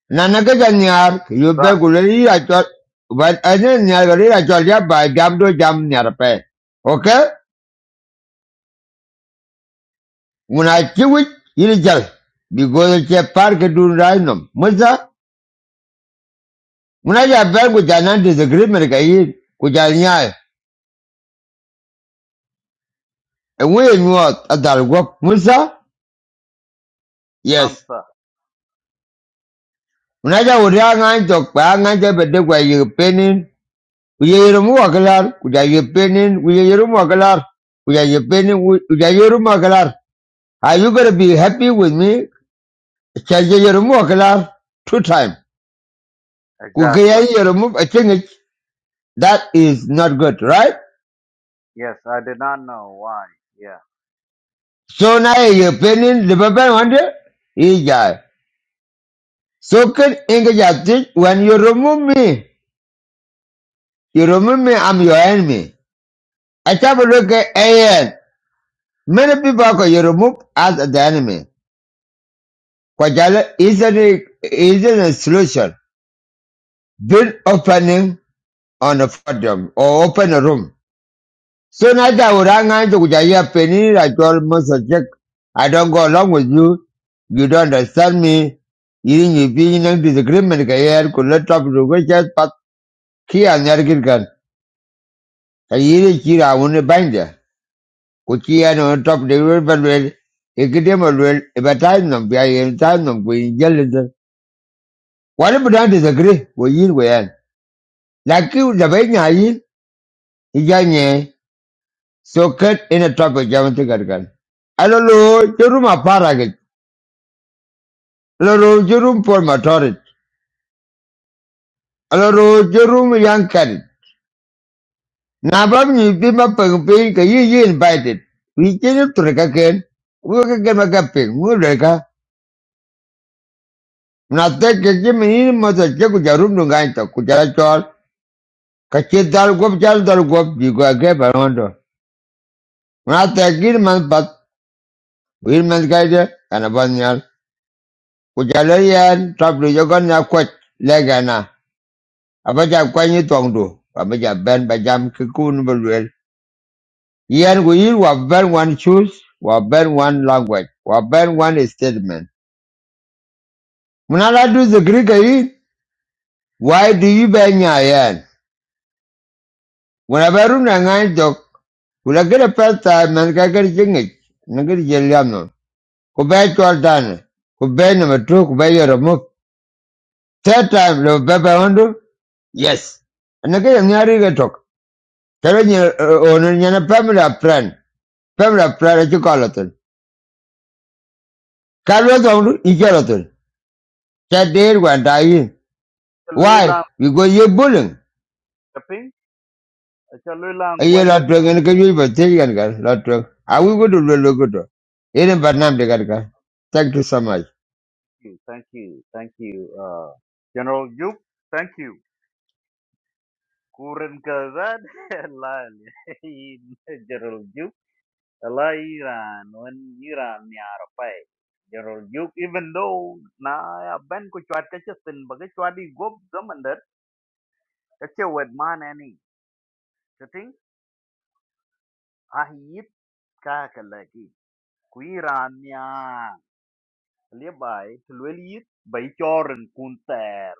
Speaker 1: nanaga da nyar you be
Speaker 8: Sa-
Speaker 1: gule ri ra chol but ane nyar ga ri ra chol ya ba jam do jam nyar pe okay muna chiwi yiri jal because che par ke dun ra nom musa muna ja be gu ja nan disagreement ga yi ku ja nya e we nu adal go musa
Speaker 8: lam
Speaker 1: yes
Speaker 8: sa.
Speaker 1: muna ja wo ra ngan to pa ngan je be de gwa yi penin ku ye yiru mu akalar ku ja yi penin ku ye yiru mu akalar ku ja yi penin ku ja yiru Are you going to be happy with me? Change your remote class two times.
Speaker 8: exactly
Speaker 1: Kukaya Yerumu, I think it, that is not good, right?
Speaker 8: yes I did not know why yeah
Speaker 1: So now you're opinion, the Bible wonder, is that. So can English justice when you remove me, you remove me, I'm your enemy. I have a look at AN. Many people are you remove as the enemy. Kwajala isn't a, isn't a solution. Build opening on a podium or open a room. Soon as I would hang on to Kujaya Penny, I told Mr. Jack, I don't go along with you. You don't understand me. Yin yi fi yin disagreement ka yayar kula top da wajen pat kiya na yargin kan. Ka yi da kira wani banja. Ku kiya na wani top da wani balwel. Ikide malwel, iba time nam biya yin time nam ku yin jelin zan. Wani bu dan disagree, wa yin wa yan. Laki da bai nya yin, ija nye. So kat ina top da jamantin gargan. Alolo, kiru ma fara Alarojarum Paul Matorit, Alarojarum Young Carrot, Nabam Yipima Pangpin, Kayi invited. We came to Rekaken, Wakakamakin, Mureka, Nata Kajimin Mother Jakujarum Nuganta, Kujarachol, Kachidal Gopjal Dalgop, Yuga Barondo, Nata Gilman Pat, Wilman Gaida, and Abanyal, Kujalarian, Travel Yogana Quat, Legana, Abaja Kwany Tongdu, Abaja Ben Bajam Kikun Bulwell. Here we were burn one choose, were burn one language, were burn one statement. When I do the Greek, eh, why do you burn your hand? When I burn a nine dog, will I get a first time and I get a jingle? Nagari Jeliano, Kubay Jordan, Kubay number two, Kubay Yeromuk. Third time, the Baba Hondo? Yes. And again, Nyari talk. Telling your owner, your family of friend, family of friend, as you call it. Carlos Hondo, you call it. That day, when I die.
Speaker 8: Chalui
Speaker 1: Why?
Speaker 8: Lang
Speaker 1: Because you're bullying.
Speaker 8: Kaping, uh, Chalui Lang
Speaker 1: And you're
Speaker 8: Gwayo.
Speaker 1: not drunk and can you even tell you can not drunk. I will go to the logo. Even but now they got got. Thank you so much.
Speaker 8: okay thank you thank you uh General Jup thank you Kurin Kazan (laughs) Lal, (laughs) General Jup Allah Iran, when Iran ni Arapai, General Duke, even though na ban ko chwat ka chatin baga chwadi gop zamandar ka che wed man ani chatin ah yit ka kalaki ku Iran ni a le bai tulwel yit bai choren kunter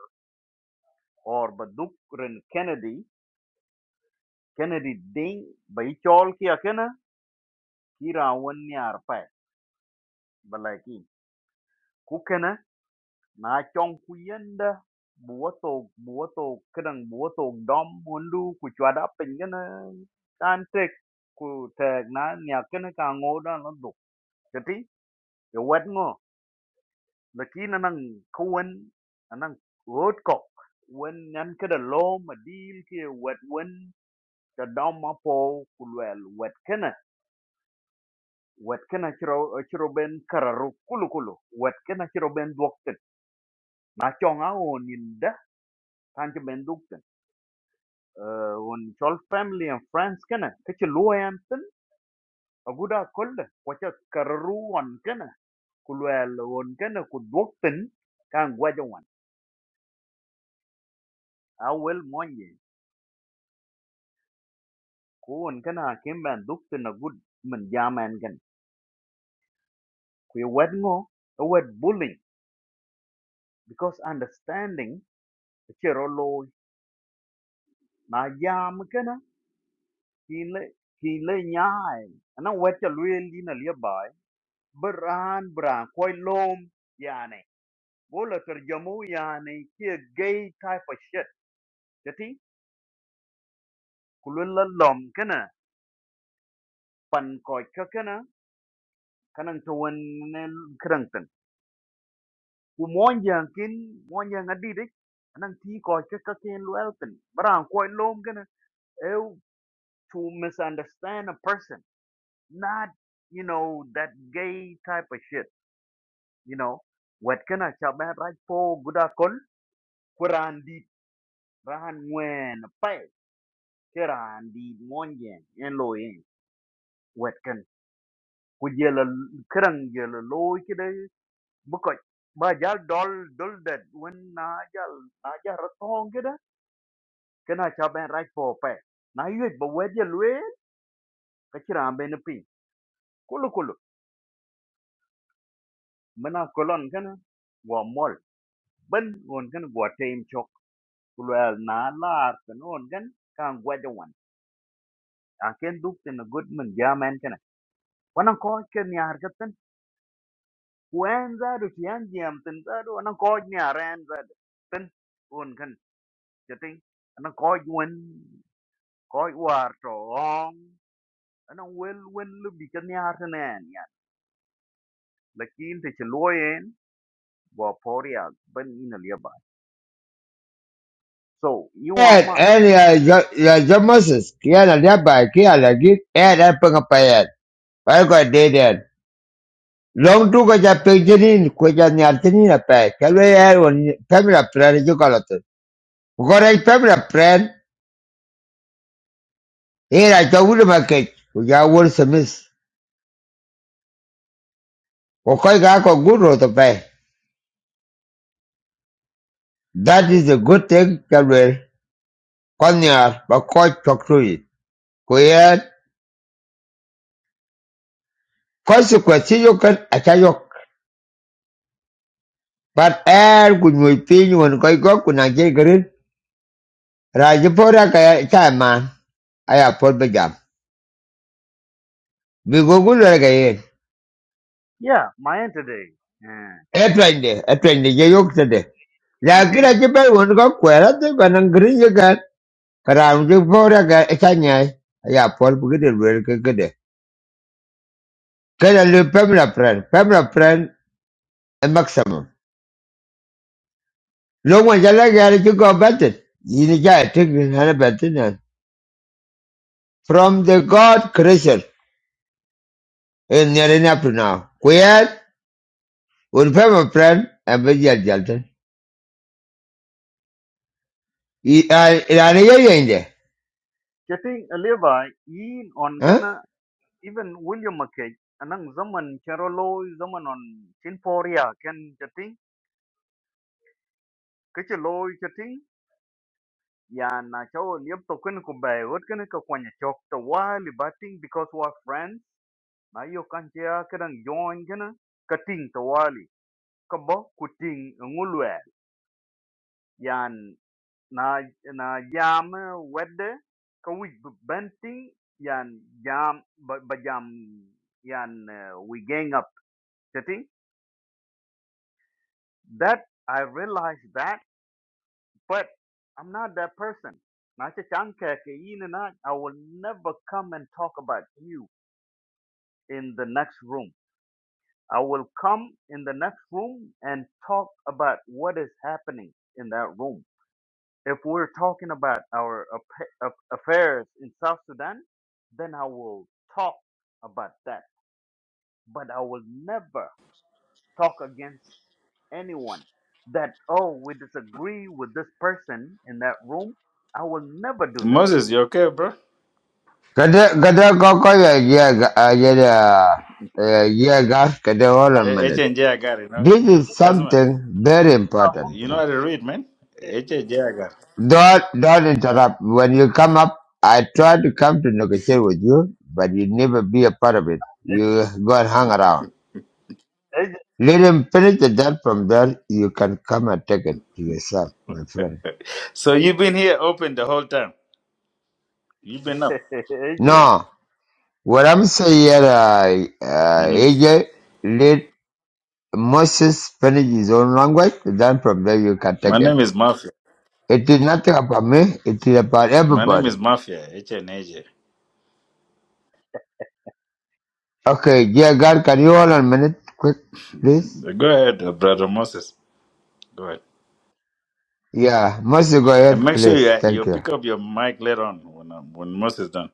Speaker 8: or baduk ren Kennedy Kennedy ding bai chol ki akena Iran wen ni Arapai balaki ku kana na chong kuyenda búa tột búa tột cái đằng búa tột đom muốn lu của chùa đã pình cái nó tan trịch của thề nó nhà cái nó càng ngô đó nó đục cái tí cái quét ngô là khi nó năng không quên nó năng rốt cọc quên nhắn cái đằng lô mà đi kia quét quên cái đom mà phô của lùa quét cái này quét cái này chiro chiro bên kararu kulu kulu quét cái này chiro bên duộc tịch nó cho ngáo nhìn đó tan cho bên duộc One child family and friends, kena. Kechi low am ten. Aguda called. Pacha karu one kena. Kulu el one kena. Kuduk ten. Kang guajawan. Awel mo ye. Kuo one kena. Kembang dukten a good menjaman kena. Kuy wed ngoh. Awed bullying because understanding. Kechi rolo najam kena. Kile kile nyai. Ano wed chalweel di na liabai. Beran beran. Koy lom ya ne. bola tarjamu yani kia gay type of shit jati kulula lom kana pan koi ka kana kanang tuan krang tan ku monjang kin monjang adi dik anang ti koi ka ka kin luelton barang koi lom kena. eu to misunderstand a person not you know that gay type of shit you know what kena? chabe right po gudakol kuran di rahan wen pai kiran di monjang en loyen. wet ken ku jela kerang jela loy kide buko ba jal dol dol det wen na jal na jal ratong kide kena chaben right for pe na yue ba wet ye lwe ka chiram ben pi kulu kulu mena kolon kana wa mol ben won kana gwa team chok kulu al na lar kana won kan kan gwa de wan a ken duk tin good man ja men kana wana ko ken yar katan wen za du yan jam tin za du wana ko nya ren za tin jadi ana ko wen ko war to on ana wel wen lu bi kan yar nen ya lakin te loyen bo poria ben ina liaba so you
Speaker 1: And
Speaker 8: ama,
Speaker 1: and your your yeah, John Moses, Kiana Laba, Kia Lagi, and I pung up by it. I got dead end. Long to go to Pigeon, Quajan Altinina Pay, Calway Air on Pamela Plan, you call it. Correct Pamela Plan, here I told him I catch, which I will submiss. Okay, I got good road to pay. That is a good thing, Calway. Konyar bakoj chokruit kuyen konsekwensi yoken achayok bat er kunyoy piny won koy go kunaje gerin raje pora kaya chaman aya pod bejam bigo gulore
Speaker 8: yeah my end today eh
Speaker 1: Airplane, etwende etwende je yok tede ya
Speaker 8: ke
Speaker 1: kira je be won go kwera te banan gerin yegan karam je pora ga chanyai aya pod bugede lwer kegede kada le pemla pren pemla pren Maximum. Loma ya la gari ki go batin. Yini ja tik ni hana batin na. From the God creation in near enough now. Kuyat would pay my friend and be jal jalton. Irani ya yende.
Speaker 8: getting liaba in on gana even william mckay anang zaman charolo zaman on chin poria ken getting ke loy Yeah, na chao liap to kun ko bai wot kun ko kwanya chok to wa li batting because we friends. Na yo kan chia kadang join kana kating to wali ka kuting ngulwe. Yan na na jam wedde ka wi benting yan jam ba, ba jam yan uh, we gang up. Chati that I realized that But I'm not that person. Na ce can ka ke yi ni na, I will never come and talk about you in the next room. I will come in the next room and talk about what is happening in that room. If we're talking about our affa- aff- affairs in South Sudan, then I will talk about that. But I will never talk against anyone that, oh, we disagree with this person in that room. I will never do that.
Speaker 2: Moses, you okay, bro?
Speaker 1: Kada kada go go ya ya ga- ya da- eh, ya gas kada all a
Speaker 2: Eh, H
Speaker 1: minute.
Speaker 2: and J I got it, no?
Speaker 1: This is
Speaker 2: That's my
Speaker 1: something very important.
Speaker 2: you know how to read, man. H and J I got
Speaker 1: Don't don't interrupt. When you come up, I try to come to negotiate with you, but you never be a part of it. You go and hang around.
Speaker 8: AJ,
Speaker 1: Let him finish the debt from there. You can come and take it to yourself, my friend.
Speaker 2: So you've been here open the whole time. You've been up.
Speaker 8: (laughs)
Speaker 2: Yeah.
Speaker 1: No, what I'm saying here, uh, uh,
Speaker 2: hmm
Speaker 1: AJ, let Moses finish his own language. Then from there you can
Speaker 2: My
Speaker 1: take
Speaker 2: name
Speaker 1: it.
Speaker 2: is Mafia.
Speaker 1: It is nothing about me. It is about
Speaker 2: My name
Speaker 1: everybody.
Speaker 2: is Mafia, H and AJ.
Speaker 1: Okay, dear God, can you hold on a minute, quick, please?
Speaker 2: (laughs) Go ahead, uh, brother Moses. Go ahead.
Speaker 1: Yeah, Moses, go
Speaker 2: And
Speaker 1: ahead,
Speaker 2: make sure
Speaker 1: please.
Speaker 2: you you
Speaker 1: Thank you.
Speaker 2: pick up your mic later on when, uh, when Moses done.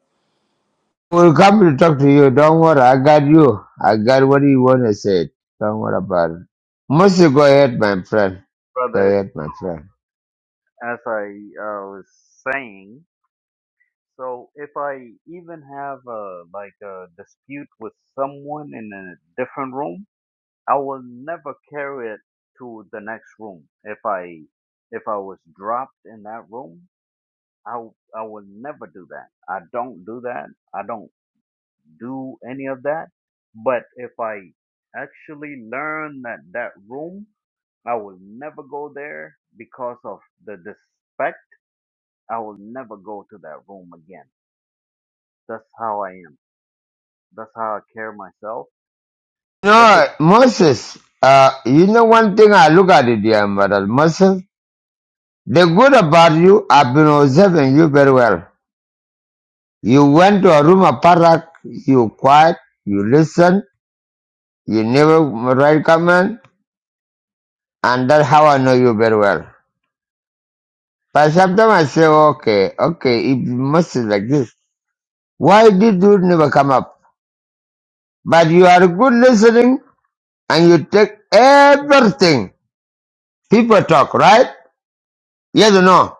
Speaker 1: will come to talk to you. Don't worry, I got you. I got what you want to say. Don't worry about it. Moses, go ahead, my friend. Go
Speaker 8: brother,
Speaker 1: ahead, my friend.
Speaker 8: as I uh, was saying, so if I even have a like a dispute with someone in a different room, I will never carry it to the next room. If I if I was dropped in that room, I w- I will never do that. I don't do that. I don't do any of that. But if I actually learn that that room, I will never go there because of the disrespect. I will never go to that room again. That's how I am. That's how I care myself. If it's,
Speaker 1: No, Moses, uh, you know one thing I look at it, dear brother Moses, the good about you, I've been observing you very well. You went to a room, a parak, you quiet, you listen, you never write comment, and that's how I know you very well. But sometimes I say, okay, okay, if Moses like this. Why did you never come up? But you are good listening and you take everything. People talk, right? Yes or no?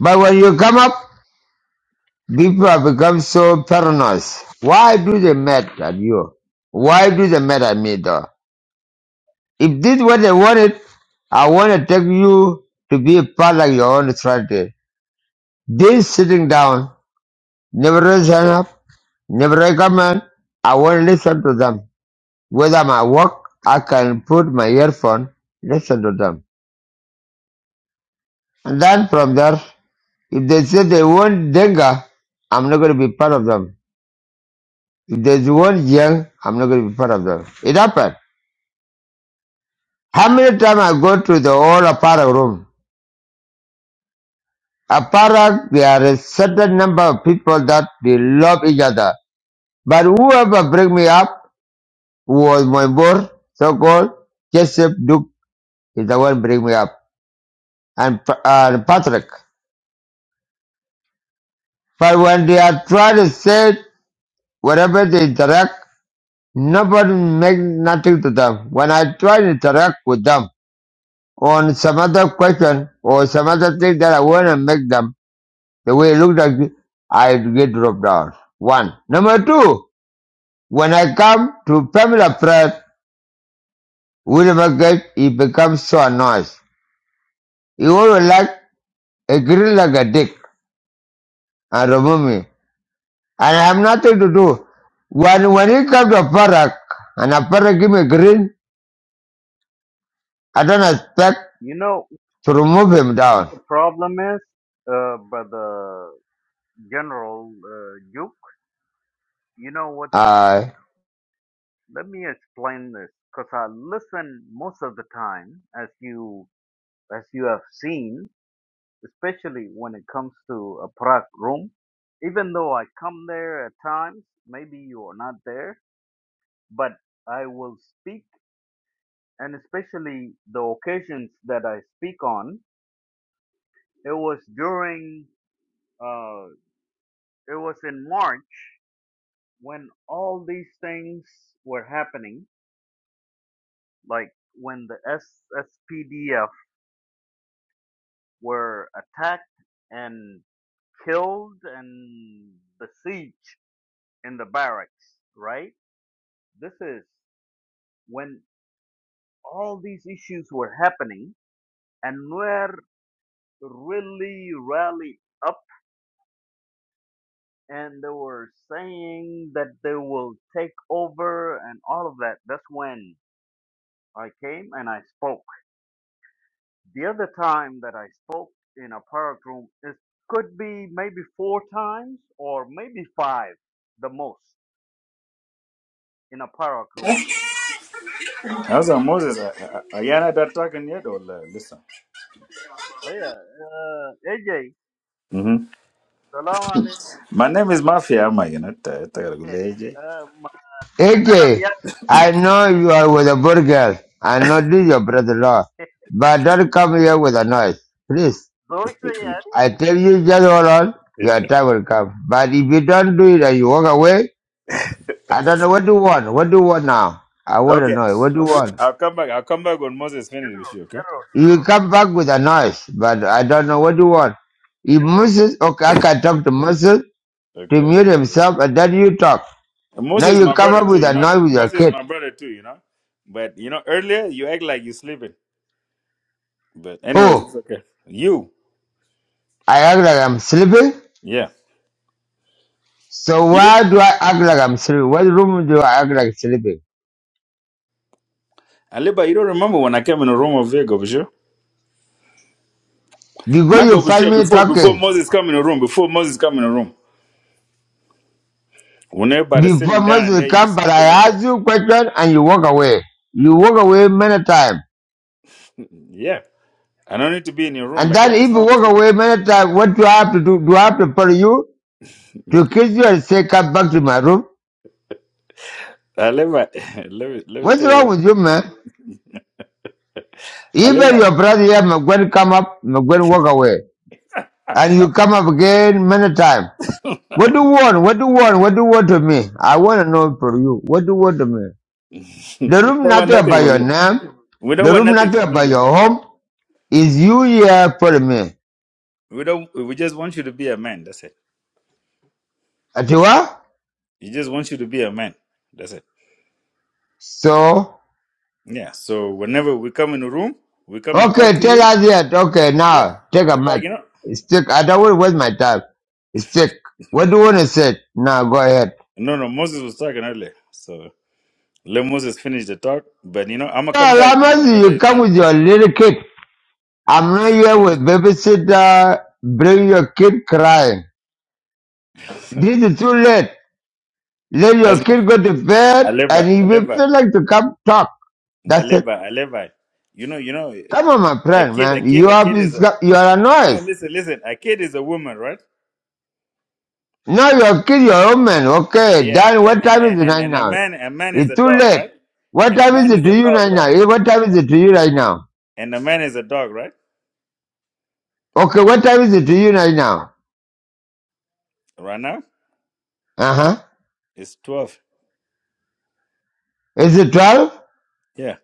Speaker 1: But when you come up, people have become so paranoid. Why do they mad at you? Why do they mad at me though? If this what they wanted, I want to take you to be a part of your own strategy. This sitting down, never raise hand up, never recommend. I want to listen to them. When my work, I can put my earphone, listen to them. And then from there, if they say they want Denga, I'm not going to be part of them. If they want Yang, I'm not going to be part of them. It happened. How many times I go to the old Apara room? Apara, there are a certain number of people that they love each other. But whoever bring me up was my boy, so-called Joseph Duke is the one bring me up. And, Pa- and Patrick. But when they are trying to say it, whatever they interact, nobody makes nothing to them. When I try to interact with them on some other question or some other thing that I want to make them, the way it looks like, I get dropped out. One. Number two, when I come to Pamela Pratt, William Gate, he becomes so annoyed. He always like a grill like a dick and remove me. And I have nothing to do. When when he comes to a park and a park give me green. I don't expect
Speaker 8: you know,
Speaker 1: to remove him down.
Speaker 8: the problem is, uh, brother General uh, Duke, you know what the, pr-
Speaker 1: Uh,
Speaker 8: let me explain this because I listen most of the time as you, as you have seen especially when it comes to a Prague room. Even though I come there at times, maybe you are not there, but I will speak, and especially the occasions that I speak on. It was during, uh, it was in March when all these things were happening, like when the SSPDF were attacked and killed and besieged in the barracks, right? This is when all these issues were happening and were really rallied up and they were saying that they will take over and all of that. That's when I came and I spoke. The other time that I spoke in a park room, it could be maybe four times or maybe five, the most, in a park room.
Speaker 2: How's Moses? Are are you not that talking yet or uh, listen?
Speaker 8: Oh, yeah. Uh, AJ,
Speaker 2: Mm-hmm.
Speaker 8: salam alaikum.
Speaker 2: My name is Mafia. Am I? You know, ta- ta- ta- leje.
Speaker 8: Uh, ما أنا
Speaker 1: AJ,
Speaker 8: بيا-
Speaker 1: I know you are with a good girl. I know this is your brother-in-law.
Speaker 8: (laughs)
Speaker 1: But don't come here with a noise. Please.
Speaker 8: زوجتي
Speaker 1: I tell you just hold on. Your time will come. But if you don't do it and you walk away, I don't know what do you want. What do you want now? I want to
Speaker 2: Okay,
Speaker 1: know. What do you want?
Speaker 2: I'll come back. I'll come back when Moses finishes with
Speaker 8: General,
Speaker 2: you. Okay.
Speaker 8: general,
Speaker 1: You
Speaker 8: general,
Speaker 1: come back with a noise, but I don't know what you want. If
Speaker 8: general,
Speaker 1: Moses, okay, I can talk to Moses to
Speaker 2: Okay.
Speaker 1: mute himself and then you talk. Now
Speaker 2: Moses is
Speaker 1: you
Speaker 2: my
Speaker 1: come
Speaker 2: brother
Speaker 1: up
Speaker 2: too.
Speaker 1: with
Speaker 2: You
Speaker 1: a
Speaker 2: know
Speaker 1: noise
Speaker 2: that.
Speaker 1: with your
Speaker 2: Moses is
Speaker 1: kid.
Speaker 2: my brother too. You know. But you know, earlier you act like you sleeping. But anyways, it's
Speaker 1: Oh,
Speaker 2: okay. You.
Speaker 1: I act like I'm sleeping.
Speaker 2: Yeah.
Speaker 1: So
Speaker 2: You. Do-
Speaker 1: why do I act like I'm sleeping? What room do I act like sleeping?
Speaker 2: Aliba, you don't remember when I came in the room of here, Gobusher?
Speaker 1: Because
Speaker 2: Not
Speaker 1: you find
Speaker 2: Gobusher,
Speaker 1: me
Speaker 2: before before
Speaker 1: talking.
Speaker 2: Moses come in the room, before Moses come in the room. When everybody's
Speaker 1: Before
Speaker 2: sitting down and
Speaker 1: Moses
Speaker 2: there, you
Speaker 1: come, but
Speaker 2: sleeping up
Speaker 1: I
Speaker 2: there.
Speaker 1: ask you question and you walk away. You walk away many times.
Speaker 2: Yeah. I don't need to be in your room
Speaker 1: And
Speaker 2: like that.
Speaker 1: then if
Speaker 2: What's
Speaker 1: you
Speaker 2: wrong with
Speaker 1: walk
Speaker 2: you?
Speaker 1: away many times, what do I have to do? Do I have to follow you? To kiss you and say, come back to my room?
Speaker 2: I live (laughs) let me let me
Speaker 1: What's
Speaker 2: tell you
Speaker 1: wrong
Speaker 2: what.
Speaker 1: with you, man?
Speaker 2: I live
Speaker 1: Even
Speaker 2: right.
Speaker 1: your brother here, Mugwen come up, Mugwen walk away. And you come up again many times. What do you want? What do you want? What do you want to me? I want to know for you. What do you want to me? The
Speaker 2: We
Speaker 1: room
Speaker 2: don't want
Speaker 1: nothing
Speaker 2: nothing
Speaker 1: about
Speaker 2: from
Speaker 1: your
Speaker 2: you.
Speaker 1: name.
Speaker 2: We don't
Speaker 1: The
Speaker 2: want
Speaker 1: room
Speaker 2: nothing
Speaker 1: nothing
Speaker 2: from you,
Speaker 1: about
Speaker 2: you know what I
Speaker 1: your
Speaker 2: mean?
Speaker 1: home. Is you here for me?
Speaker 2: We don't we just want you to be a man, that's it.
Speaker 1: Atiwa?
Speaker 2: He just wants you to be a man. That's it.
Speaker 1: So,
Speaker 2: Yeah. So whenever we come in the room, we come and talk
Speaker 1: okay,
Speaker 2: to
Speaker 1: tell
Speaker 2: you.
Speaker 1: us yet. Okay,
Speaker 2: Yeah.
Speaker 1: now, take a
Speaker 2: That's like,
Speaker 1: mic.
Speaker 2: you know.
Speaker 1: Stick. I don't want to waste my time. Stick. What do you want to say? Now, go ahead.
Speaker 2: No, no, Moses was talking earlier. So let Moses finish the talk. But you know, I'm gonna
Speaker 1: Yeah,
Speaker 2: come back, you know,
Speaker 1: Lamas,
Speaker 2: whenever
Speaker 1: you
Speaker 2: it's
Speaker 1: come
Speaker 2: done.
Speaker 1: with your little kid. I'm not here with babysitter. Bring your kid crying.
Speaker 2: (laughs)
Speaker 1: This is too late. Let your
Speaker 2: Asma,
Speaker 1: kid go to
Speaker 2: I
Speaker 1: bed,
Speaker 2: live
Speaker 1: and
Speaker 2: right.
Speaker 1: if you
Speaker 2: right.
Speaker 1: feel like to come talk,
Speaker 2: I
Speaker 1: that's
Speaker 2: live
Speaker 1: it.
Speaker 2: by. I live by. You know. You know.
Speaker 1: Come on, my
Speaker 2: A
Speaker 1: friend,
Speaker 2: kid. A
Speaker 1: man.
Speaker 2: kid.
Speaker 1: You
Speaker 2: A
Speaker 1: have
Speaker 2: kid is
Speaker 1: this,
Speaker 2: a.
Speaker 1: you are a
Speaker 2: No,
Speaker 1: noise.
Speaker 2: listen. Listen. A kid is a woman, right?
Speaker 1: Now your kid, your own man. Okay,
Speaker 2: Yeah.
Speaker 1: Dan,
Speaker 2: And
Speaker 1: what
Speaker 2: and
Speaker 1: time is
Speaker 2: and
Speaker 1: it
Speaker 2: and,
Speaker 1: right
Speaker 2: and a
Speaker 1: now?
Speaker 2: man. A man is
Speaker 1: It's
Speaker 2: a
Speaker 1: too
Speaker 2: dog,
Speaker 1: late.
Speaker 2: right?
Speaker 1: What
Speaker 2: And a
Speaker 1: time is
Speaker 2: man
Speaker 1: it
Speaker 2: is a
Speaker 1: to you
Speaker 2: dog,
Speaker 1: right now?
Speaker 2: right?
Speaker 1: Eh, What time is it to you right now?
Speaker 2: And a man is a dog, right?
Speaker 1: Okay, what time is it to you right now?
Speaker 2: Right now,
Speaker 1: Uh huh.
Speaker 2: it's twelve.
Speaker 1: Is it 12?
Speaker 2: Yeah.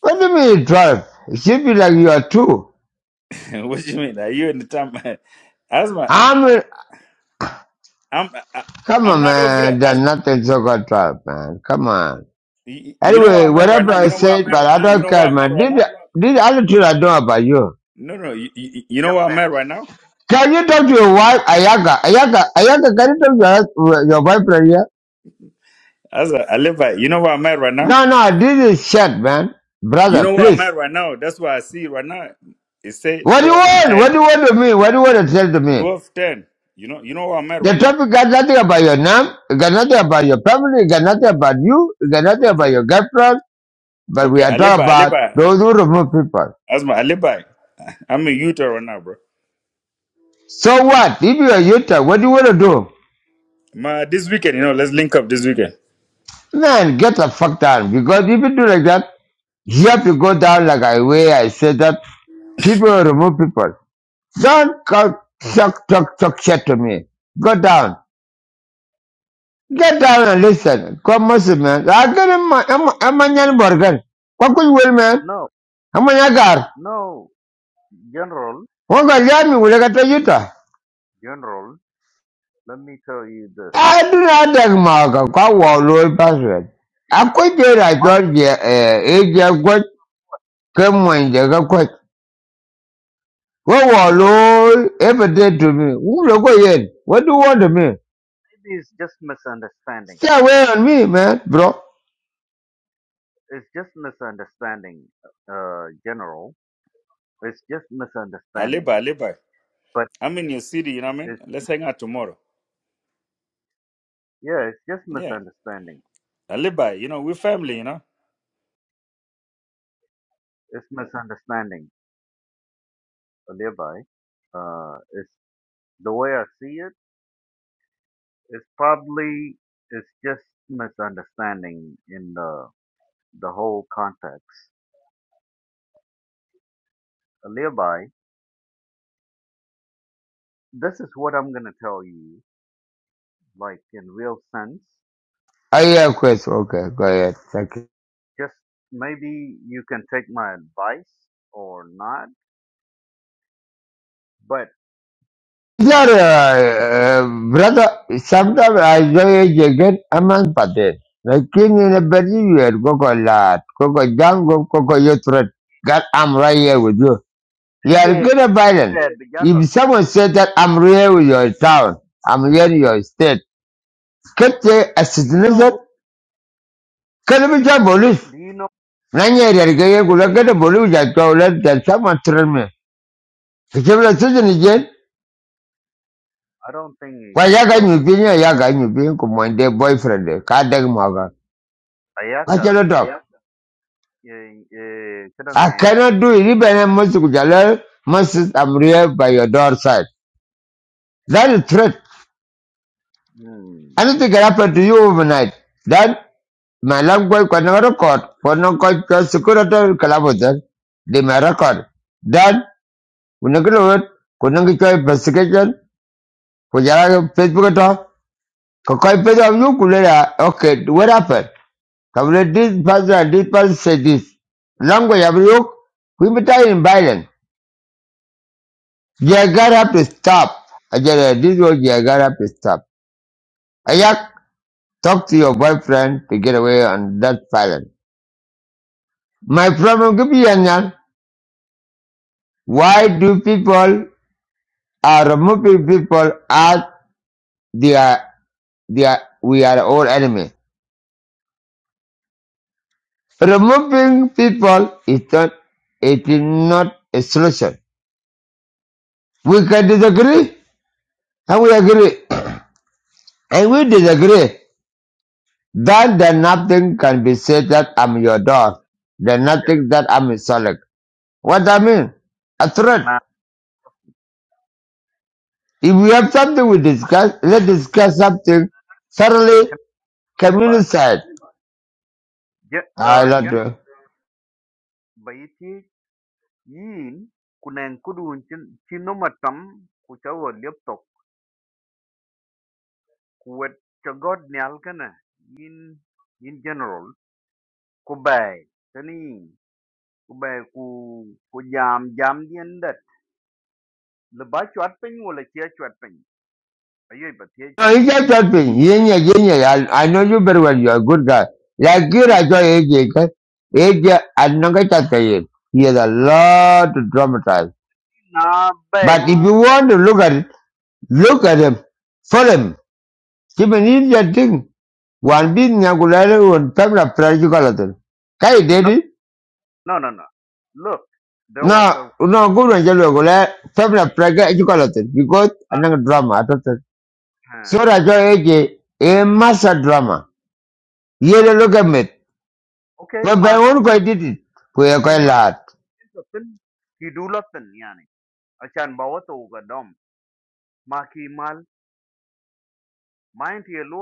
Speaker 1: What do you mean 12? It should be like you are two.
Speaker 2: (laughs) what do you mean? Are you in the time? (laughs) Asma,
Speaker 1: I'm,
Speaker 2: I'm. I,
Speaker 1: come
Speaker 2: I'm
Speaker 1: on,
Speaker 2: not over
Speaker 1: man.
Speaker 2: there.
Speaker 1: There's
Speaker 2: As
Speaker 1: nothing so called 12, man. Come on.
Speaker 2: you you know where
Speaker 1: Anyway,
Speaker 2: I'm at right
Speaker 1: whatever
Speaker 2: now. You
Speaker 1: I
Speaker 2: know where I'm
Speaker 1: said,
Speaker 2: at
Speaker 1: but
Speaker 2: right
Speaker 1: I
Speaker 2: now. You
Speaker 1: don't
Speaker 2: know where
Speaker 1: care,
Speaker 2: I'm at
Speaker 1: man.
Speaker 2: right now.
Speaker 1: This, this other two I know about you.
Speaker 2: No, no. You, you, you know
Speaker 8: jump
Speaker 2: where I'm at right now.
Speaker 1: Can you talk to your wife, Ayaka? Ayaka, Ayaka, can you talk to your, hus- your boyfriend here?
Speaker 2: As I live by. You know where I'm at right now.
Speaker 1: No, no, this is shit, man.
Speaker 2: You
Speaker 1: Brother,
Speaker 2: know where I'm
Speaker 1: please.
Speaker 2: at right now? That's why I see right now. It say
Speaker 1: What do you
Speaker 2: 12,
Speaker 1: want?
Speaker 2: 10.
Speaker 1: What do you want to me? What do you want to tell to me?
Speaker 2: Twelve ten. You know, you know where I'm at
Speaker 1: The
Speaker 2: right now?
Speaker 1: topic got nothing about your name, it got nothing about your family, it got nothing about you, it got nothing about
Speaker 2: Okay.
Speaker 1: your girlfriend, but we
Speaker 2: Okay,
Speaker 1: are talking
Speaker 2: Alibi,
Speaker 1: about
Speaker 2: Alibi.
Speaker 1: those who remove people.
Speaker 2: Asma, Alibi. I'm in Utah right now, bro.
Speaker 1: So what? If you are Utah, what do you want to do?
Speaker 2: Ma, this weekend, you know, let's link up this weekend.
Speaker 1: Man, get the fuck down. Because if you do like that, you have to go down like I way I said that people will remove people. Don't come talk talk talk shit to me. Go down. Get down and listen. Come listen, man. I get him my I'm I'm a nyan borgan. What could you will man?
Speaker 8: in. No,
Speaker 1: I'm a yagar.
Speaker 8: no, general,
Speaker 1: What got yam you will get a yuta?
Speaker 8: general, let me tell you this.
Speaker 1: I do not take Marga. Go wall low password. I quit it. I
Speaker 8: Must
Speaker 1: thought yeah eh eh yeah what come when they go What was
Speaker 8: look,
Speaker 1: Lord ever did to me? Who look again? What do you want of me?
Speaker 8: maybe it's just misunderstanding.
Speaker 1: Stay away on me, man, bro.
Speaker 8: It's just misunderstanding, uh, general. It's just
Speaker 2: Alibi,
Speaker 8: misunderstanding.
Speaker 2: Alibi.
Speaker 8: But
Speaker 2: I'm in your city, you know what I mean?
Speaker 8: it's,
Speaker 2: Let's hang out tomorrow.
Speaker 8: yeah, it's just
Speaker 2: Yeah.
Speaker 8: misunderstanding.
Speaker 2: Alibi, you know, we're family, you know?
Speaker 8: It's misunderstanding, Levi. Uh, it's the way I see it. It's probably, it's just misunderstanding in the, the whole context. Levi, this is what I'm gonna tell you, like in real sense.
Speaker 1: I have a question. Okay, go ahead. Thank you.
Speaker 8: Just maybe you can take my advice or not. But
Speaker 1: Sir, uh,
Speaker 8: Levi,
Speaker 1: uh, brother, sometimes I enjoy it again among patent. Like in a bad year, Coco Lad, Coco Jango, Coco Yotred. God, I'm right here with you. You are
Speaker 8: AJ
Speaker 1: good at Biden.
Speaker 8: said,
Speaker 1: If someone said that I'm here with your town, I'm here in your state, can't they
Speaker 8: do you know
Speaker 1: assassinate?
Speaker 8: who you
Speaker 1: Can't be
Speaker 8: think?
Speaker 1: police.
Speaker 8: Do you know
Speaker 1: Nanya yargeye
Speaker 8: the thing?
Speaker 1: kulakata bolu jatwa ulat jatsa matrame. Kichibla suzu ni jen.
Speaker 8: I don't think you
Speaker 1: Kwa
Speaker 8: should
Speaker 1: yaka
Speaker 8: go to
Speaker 1: nyupin ya yaka nyupin kumwende boyfriend. Kadek mwaga.
Speaker 8: Ayaka.
Speaker 1: Kachalo talk.
Speaker 8: eh, eh, kadang,
Speaker 1: I
Speaker 8: eh,
Speaker 1: cannot do it. Even I must kujala. Must I'm real by your doorstep. That is threat.
Speaker 8: Hmm.
Speaker 1: Anything can happen to you overnight. Then my lamb kwa kwa na record. Kwa na kwa kwa security kalabotan. They may record. Then unakilo wet. Kunangi kwa investigation. Kujala Facebook talk. Kakaipedo Yukulera, okay, what happened? Kabule this person and this person said this. Language of you, we be in violence. Jagar have to stop. Ajara, this was Jagar have to stop. Ayak, talk to your boyfriend to get away on that violence. My problem could be Anyan. Why do people are removing people as they are, they are, we are all enemies? Removing people is not, it is not a solution We can disagree and we agree. (coughs) And we disagree. Then the nothing can be said that I'm your dog. The nothing that I'm a solid. What I mean? A threat.
Speaker 8: Kana
Speaker 1: If we have something we discuss, let's discuss something thoroughly
Speaker 8: kana Levi.
Speaker 1: communicate.
Speaker 8: Je-
Speaker 1: I
Speaker 8: uh,
Speaker 1: love
Speaker 8: Jan
Speaker 1: to.
Speaker 8: baiti yin kunang kudun chin chinomatam kuchawa liptok kuwet cho god nyal in in general ku bai tani ku bai ku ku jam jam dien dat le ba chwat pin wala che chwat pin ayo ba che
Speaker 1: No, you
Speaker 8: tani
Speaker 1: just not help me. Yin I I know you very well. You're a good guy. Like you,
Speaker 8: kin
Speaker 1: I saw AJ. okay? AJ, I don't get that guy. He has a lot to dramatize.
Speaker 8: na bai
Speaker 1: But
Speaker 8: ku
Speaker 1: if you want to look at it, Look at him. For him. Kimin idiot thing. One bin nyagulare un pemla prajukalatin. Kai did
Speaker 8: no
Speaker 1: it?
Speaker 8: no no no look there was
Speaker 1: No,
Speaker 8: a
Speaker 1: no good on jalo gula pemla praga ejukalatin. Because another drama I atotan.
Speaker 8: uh,
Speaker 1: So rajo eje a massa drama. Yele look at me.
Speaker 8: okay
Speaker 1: But
Speaker 8: ma
Speaker 1: ben
Speaker 8: ki
Speaker 1: one ko did it. we Ko ye
Speaker 8: ki
Speaker 1: ko
Speaker 8: ma
Speaker 1: lat.
Speaker 8: tin ki du lo yani achan ba wa ga dom ma ki mal ma en ti lo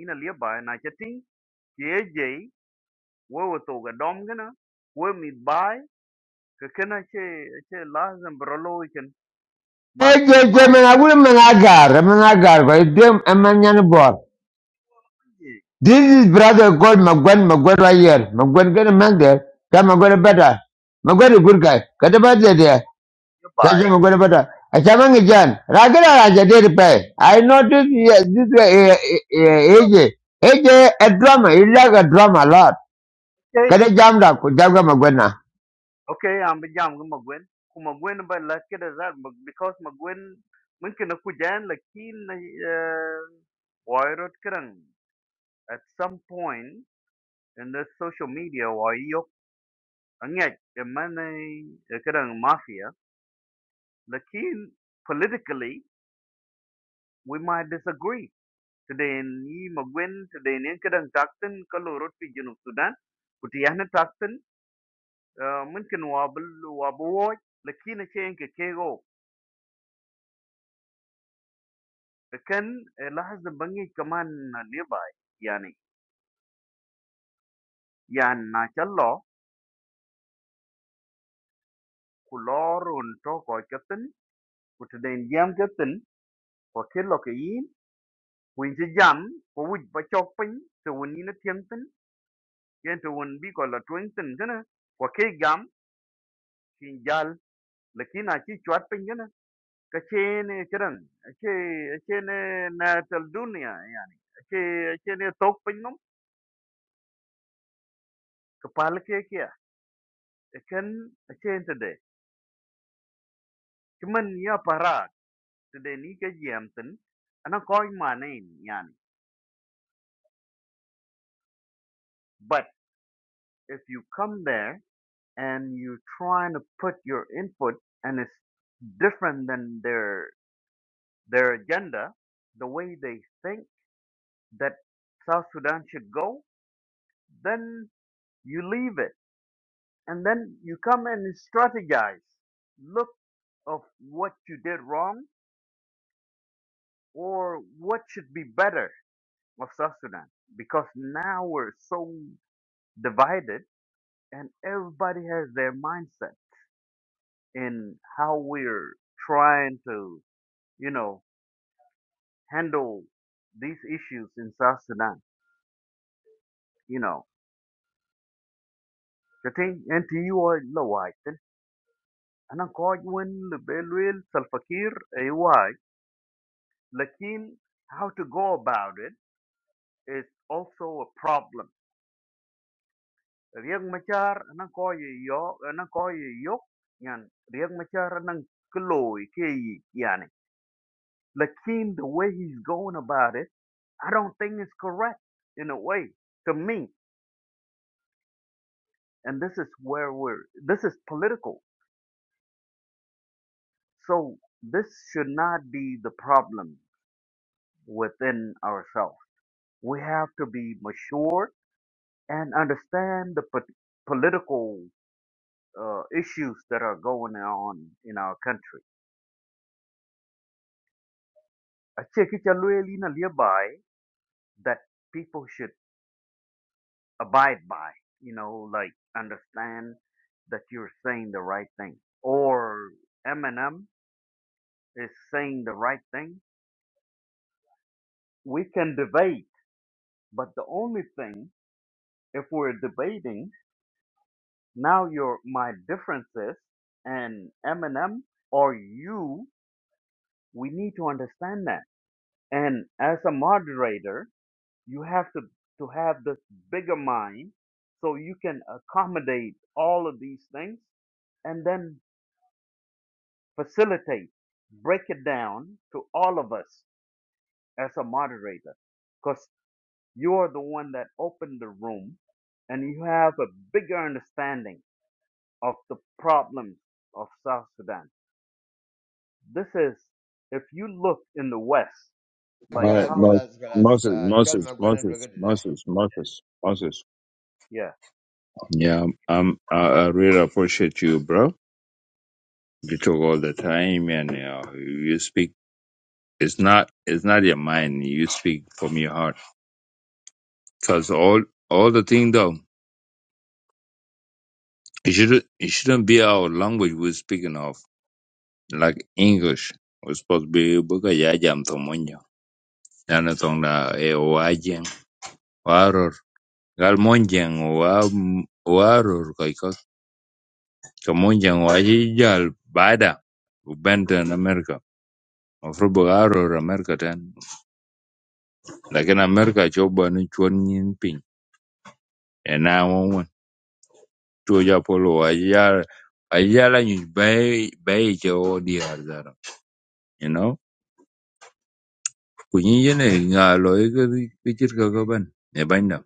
Speaker 8: ina le ba na che ting ki wewe toga domgana we mi bai ka kana che che lazim broloiken ma ki
Speaker 1: Eje je
Speaker 8: mal
Speaker 1: menagur menagar menagar ko idem emanyan
Speaker 8: ye
Speaker 1: This is brother called Magwan Magwan right here. Magwan get a man there. Come Magwan better. Magwan a
Speaker 8: ke
Speaker 1: good guy. Get a better there. Catch him
Speaker 8: bai
Speaker 1: Magwan better. I come on again. Ragala Raja did pay. I noticed yeah, this way eh, eh, eh, AJ. AJ a drama. He like a drama a lot.
Speaker 8: okay
Speaker 1: Get a jam up. Jaga Magwan now.
Speaker 8: okay am bi jam ga magwen ku magwen ba la ke da za because magwen mun kana ku jan la kin na wairot kran at some point in the social media wa yok anyak e mane kran mafia lakin politically we might disagree Today ni magwen today ni kadang takten kalau urut pi Junub Sudan kutiana takten mungkin wabul wabuo lakini chen ke kego the Ken, lahas lahaz bangi kaman nearby yani yan na challo kulorun to ko katen kutden jam katen ko kello ke yin kuin ti jam ko wuj ba chok pin to woni na tienten yen to won bi ko la twenten gana ko ke gam kin jal lakini a Twinton, dinner, for Kegam, Kinjal, Lakina chi chwat pin كشين كرن شيء شين نات الدنيا يعني شيء شين توك بينهم كبال كي كيا كن شين تدي كمن يا بارات تدي ني كجيامتن أنا كوي مانين يعني but if you come there and you trying to put your input and it's different than their their agenda the way they think that South Sudan should go then you leave it and then you come and strategize look of what you did wrong or what should be better of south sudan because now we're so divided and everybody has their mindset in how we're trying to you know handle these issues in south sudan you know the thing and to you are low انا قاعد وين بيلويل سلفكير ايواي لكن how to go about it is also a problem. Riek Machar anang ko ye yo anang ko ye yok yan Riek Machar anang kloy ke yi yani. Lakin the way he's going about it, I don't think it's correct in a way to me. And this is where we're this is political. So this should not be the problem within ourselves. We have to be mature and understand the po- political uh, issues that are going on in our country. Ache kichalweli na liabai that people should abide by, you know, like understand that you're saying the right thing. Or Eminem is saying the right thing. We can debate, but the only thing, if we're debating, now your my differences and Eminem or you, we need to understand that. And as a moderator, you have to to have this bigger mind so you can accommodate all of these things and then facilitate break it down to all of us as a moderator because you're the one that opened the room and you have a bigger understanding of the problems of south sudan this is if you look in the west
Speaker 4: All
Speaker 8: like
Speaker 4: right,
Speaker 1: Galas,
Speaker 8: how
Speaker 4: Mo-
Speaker 1: galas, galas.
Speaker 4: Moses,
Speaker 1: Uh, Chol
Speaker 4: Moses,
Speaker 1: Magwan and
Speaker 4: Moses,
Speaker 1: Brigadier.
Speaker 4: Moses, Moses, Moses.
Speaker 8: yeah
Speaker 4: Yeah, um, I, I really appreciate you, bro. You talk all the time, and you, know, you speak. It's not, it's not your mind. You speak from your heart, cause all, all the thing though. It shouldn't it shouldn't be our language we're speaking of, like English. We're supposed to be buka yaja mthomonja. Nana tonga e wajeng waror. Gal monjeng wa waror kaiko. Kamonjeng waji jal bada. Ubenta in America. Mafro bugaror America ten. Lakini America choba ni chuan nyin ping. E na wawan. Tuo japolo waji jal. Ajala nyuj bayi bayi cho diar zara. You know? ku nyi yene nga lo yi ka ka chit ka ka ban e banda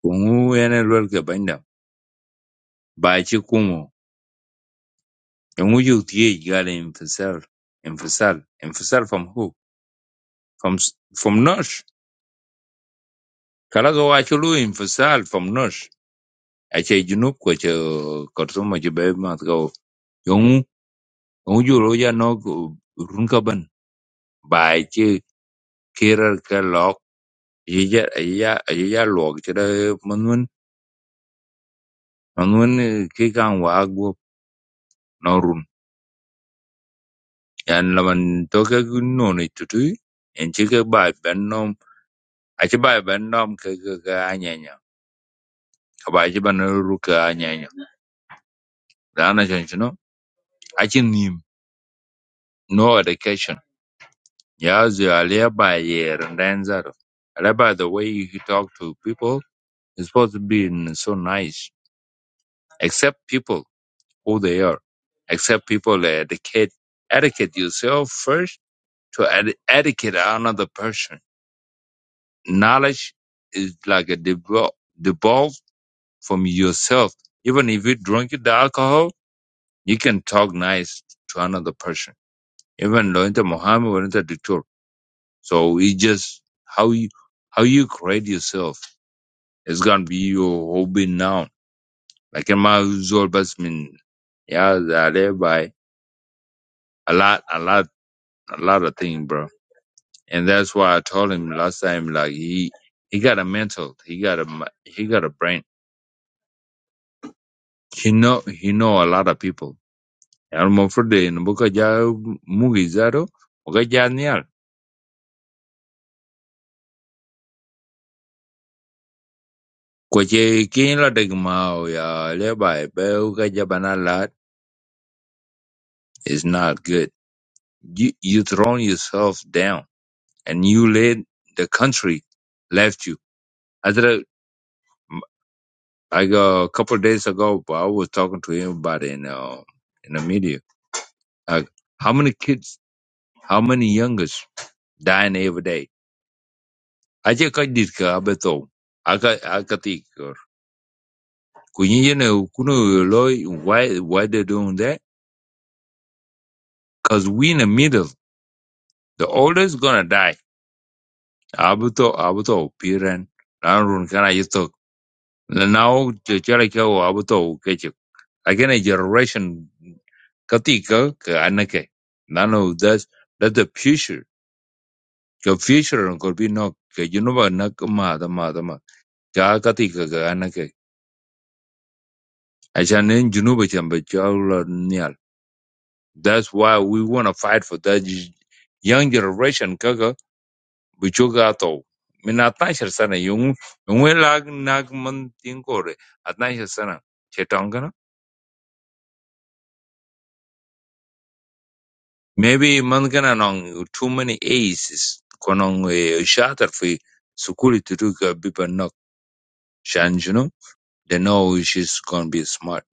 Speaker 4: ku ngu yene lwel ka banda ba chi kumo e ngu yu tiye gale infisal infisal infisal from who from s- from nosh kala ka wa chi lu infisal from nosh a che junub ko che kortuma che be ma ka o yo ngu ngu ju ro ya no ku run ka ban ba chi kirar ka lok ye ya ye ya ye ya lok che da man man man man kan wa go Yan la man to ke no ni tutu en chi ke ba ben nom a chi ba ben nom ke ke ke anyanya ka ba ban ru ke anyanya da na chen chi no nim no education ya zu alia ba yer nden zaro Ale by the way you talk to people is supposed to be in so nice accept people who they are accept people educate educate yourself first to ed- educate another person Knowledge is like a devol- devolve from yourself. Even if you drink the alcohol, you can talk nice to another person. Even Lointa Muhammad or the Dictor. So it just how you how you create yourself is gonna be your hobby now. Like in my usual best mean yeah, that everybody a lot a lot a lot of things, bro. And that's why I told him last time like he he got a mental, he got a mi- he got a brain. He know he know a lot of people. Al mofrode in buka ja mugi zaro buka ja nial. Kwache kin la degmao ya leba be uka ja bana lat is not good. You you thrown yourself down and you let the country left you. After like uh, a couple of days ago, but I was talking to him about it in uh, in the media. Like how many kids, how many youngers dying every day? Aja aje ko ditka abeto aka aka tikor kunyi ne kunu loy why why they doing that cuz we in the middle the oldest gonna die abuto abuto piran run kana yito now the chale ko abuto keche again a generation katika ka anake none of that the future the future could be no ke junuba nak ma da ma da ma ka katika ka anake acha nen junuba chamba That's why we want to fight for that y- young generation kaga bichuga to. Mina tashir sana yung yung lag nag man tingkore at tashir sana chetangana. Maybe man kana nong too many aces konong eh, shatter fi sukuli tutuka bipa nok change you know. They know she's gonna be smart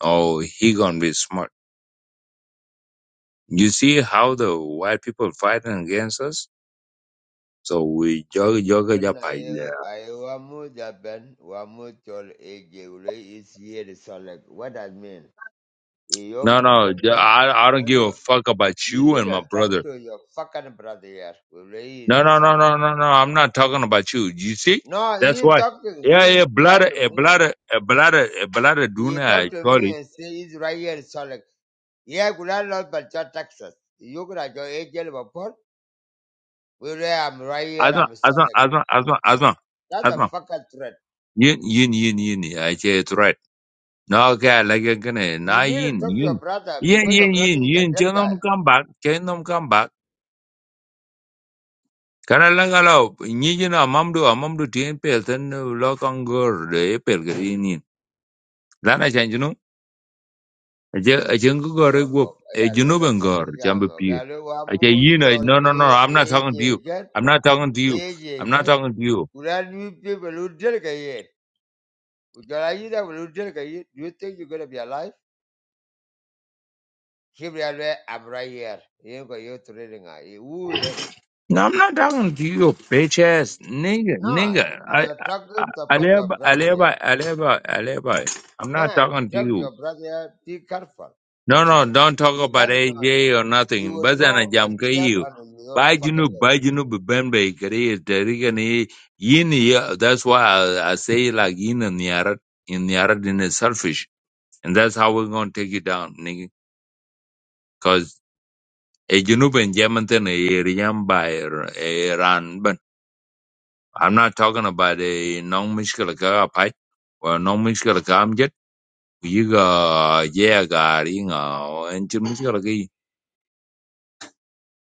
Speaker 4: or he gonna be smart. You see how the white people fighting against us? So we jog
Speaker 1: When
Speaker 4: jog
Speaker 1: I, I wamu Japan, wamu Chol AJ. Ule is here the solid. What that mean? Iyok
Speaker 4: No, no,
Speaker 1: Mugwega.
Speaker 4: I, I
Speaker 1: No,
Speaker 4: don't give a
Speaker 1: no.
Speaker 4: fuck about
Speaker 1: You
Speaker 4: you
Speaker 1: need
Speaker 4: and
Speaker 1: to
Speaker 4: my
Speaker 1: talk
Speaker 4: brother.
Speaker 1: to your fucking brother here.
Speaker 4: No,
Speaker 1: Really,
Speaker 4: no, no,
Speaker 1: solid.
Speaker 4: no, no, no. I'm not talking about you. You see,
Speaker 1: No,
Speaker 4: that's
Speaker 1: you
Speaker 4: why.
Speaker 1: talk to
Speaker 4: Yeah, yeah,
Speaker 1: you talk
Speaker 4: blood,
Speaker 1: to
Speaker 4: a
Speaker 1: me.
Speaker 4: blood, a blood, a blood. Duna,
Speaker 1: You talk to me
Speaker 4: actually,
Speaker 1: and say it's right here, solid. Yeah, good I love but your taxes. You could have your agent report. Well, yeah, I'm right here,
Speaker 4: Asma,
Speaker 1: I'm
Speaker 4: Asma,
Speaker 1: solid.
Speaker 4: Asma, Asma, Asma,
Speaker 1: That's a
Speaker 4: Asma.
Speaker 1: fucking threat.
Speaker 4: Yin, yin, yin, yin. yeah, I say it's right. No, okay, like I'm gonna,
Speaker 1: You
Speaker 4: na
Speaker 1: need to
Speaker 4: yin,
Speaker 1: talk to your
Speaker 4: yin,
Speaker 1: brother
Speaker 4: yin,
Speaker 1: because your
Speaker 4: yin,
Speaker 1: brother
Speaker 4: yin,
Speaker 1: is a
Speaker 4: yin.
Speaker 1: dead
Speaker 4: Tell
Speaker 1: guy.
Speaker 4: them come back. Tell them come back. Kana langa lao, nyinyi na mamdu, mamdu tien pel ten lo kangor de pel ke yin yin. Lana change no? Achen ko
Speaker 1: (laughs)
Speaker 4: gore guop
Speaker 1: Mambo,
Speaker 4: e
Speaker 1: ayalala,
Speaker 4: junuben gor chambe
Speaker 1: ayalamo,
Speaker 4: pir.
Speaker 1: galo,
Speaker 4: Ache
Speaker 1: wamu,
Speaker 4: you know
Speaker 1: tol,
Speaker 4: no no no I'm not talking to you.
Speaker 1: e-
Speaker 4: I'm not talking to you. I'm not
Speaker 1: ejejen,
Speaker 4: talking to you.
Speaker 1: Will you will delegate? Would you like that? Will delegate? Do you think you're gonna be alive? Here we are. I'm right here. You go you trading. Woo him.
Speaker 4: No, I'm not talking to you, bitch ass nigga,
Speaker 1: No,
Speaker 4: nigga. I,
Speaker 1: you're talking to
Speaker 4: I, I,
Speaker 1: support your
Speaker 4: Aleba,
Speaker 1: brother here.
Speaker 4: Aleba, Aleba, Aleba. I'm not
Speaker 1: Man,
Speaker 4: talking to
Speaker 1: talk to
Speaker 4: you.
Speaker 1: your brother here. Be careful.
Speaker 4: No, no, don't talk
Speaker 1: He
Speaker 4: about
Speaker 1: doesn't know.
Speaker 4: AJ or
Speaker 1: He
Speaker 4: nothing.
Speaker 1: will know
Speaker 4: Bazana
Speaker 1: a
Speaker 4: jamka
Speaker 1: shot
Speaker 4: you.
Speaker 1: on his own
Speaker 4: Bai
Speaker 1: fucking
Speaker 4: junu,
Speaker 1: head.
Speaker 4: bai junu bembe kare terika ni yin ya. That's why I, I say like yin and yarat, in yarat in is selfish. And that's how we're going to take you down, nigga. Because a Junub and Yementon, a Riyam buyer, a Ran, but I'm not talking about a non Mishkalaka pipe or non Mishkalaka amjet. You got, yeah, got, you and Jim Mishkalaka.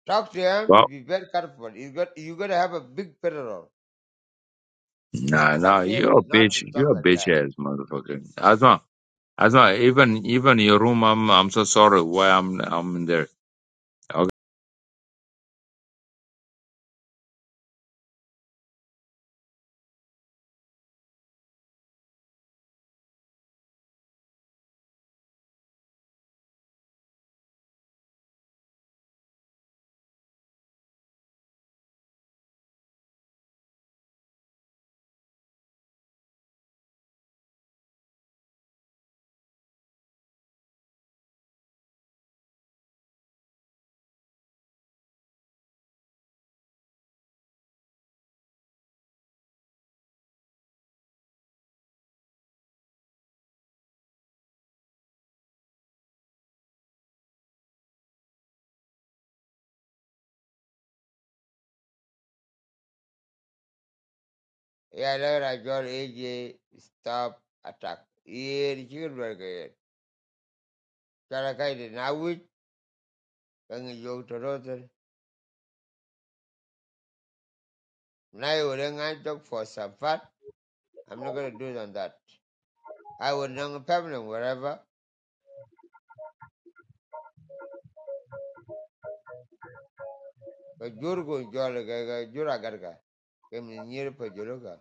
Speaker 1: Talk to him to
Speaker 4: Well,
Speaker 1: be very careful. You got you're gonna have a big peril.
Speaker 4: nah,
Speaker 1: Talk
Speaker 4: nah,
Speaker 1: to him
Speaker 4: you're a
Speaker 1: not to
Speaker 4: bitch.
Speaker 1: talk
Speaker 4: You're a
Speaker 1: like
Speaker 4: bitch
Speaker 1: that.
Speaker 4: ass motherfucker. Asma, Asma, even, even your room, I'm, I'm so sorry why I'm, I'm in there.
Speaker 1: Yeah, later I got AJ stop attack. Yeah, the chicken burger. Chalakaiti Nawich, Kangi Yogtorotan. Nai Urengan talk for some Safat. I'm not going to do it on that. I will not permanent wherever. But Jurgo Jolagaga Juragarga. Came near Pajuluga.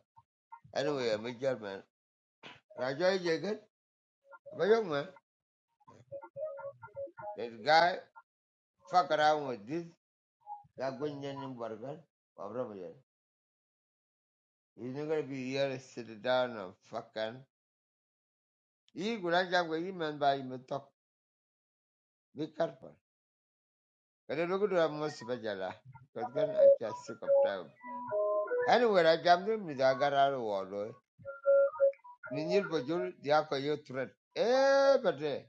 Speaker 1: Anyway, I'm a German. Rajoy Jagan, I'm a young man. That guy fuck around with this. Lagunyan Burger. Wabrabayan. He's not going to be here, sit down and fucking. He could not jump with him and buy him a talk. Be careful. Kada lokuta ya mwa sipa jala. Because gan I just sick of time. Anyway, I jammed him with Agara Wallo. Ninjil Bajul, Diako, you threat. Eh, but eh.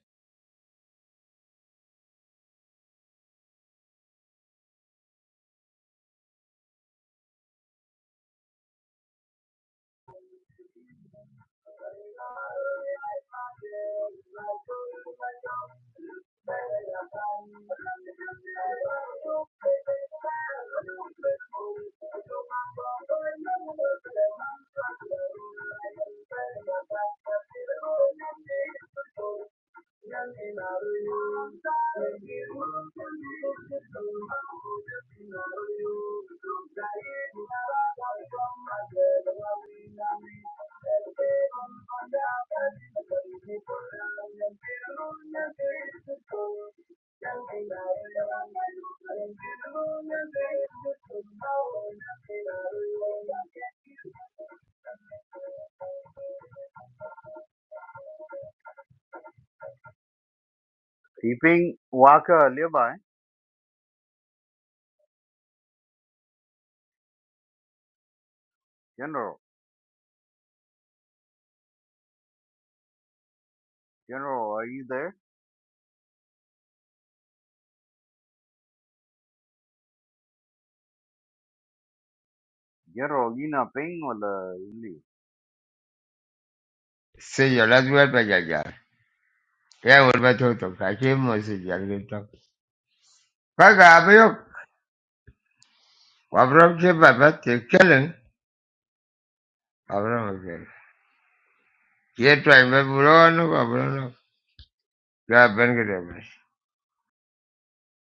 Speaker 8: I'm gonna do my job, do my job right. I love to do it, I love to do it. I love to do it, I love to do it. Keeping Walker nearby, General. General, are you there? General, you not ping or the
Speaker 1: Say your last word by Yeah, what about Toto? I came was a young talk. Kaga, Abayok. Abram came by that killing. Abram again. Yet I remember, no, Abram. Yeah,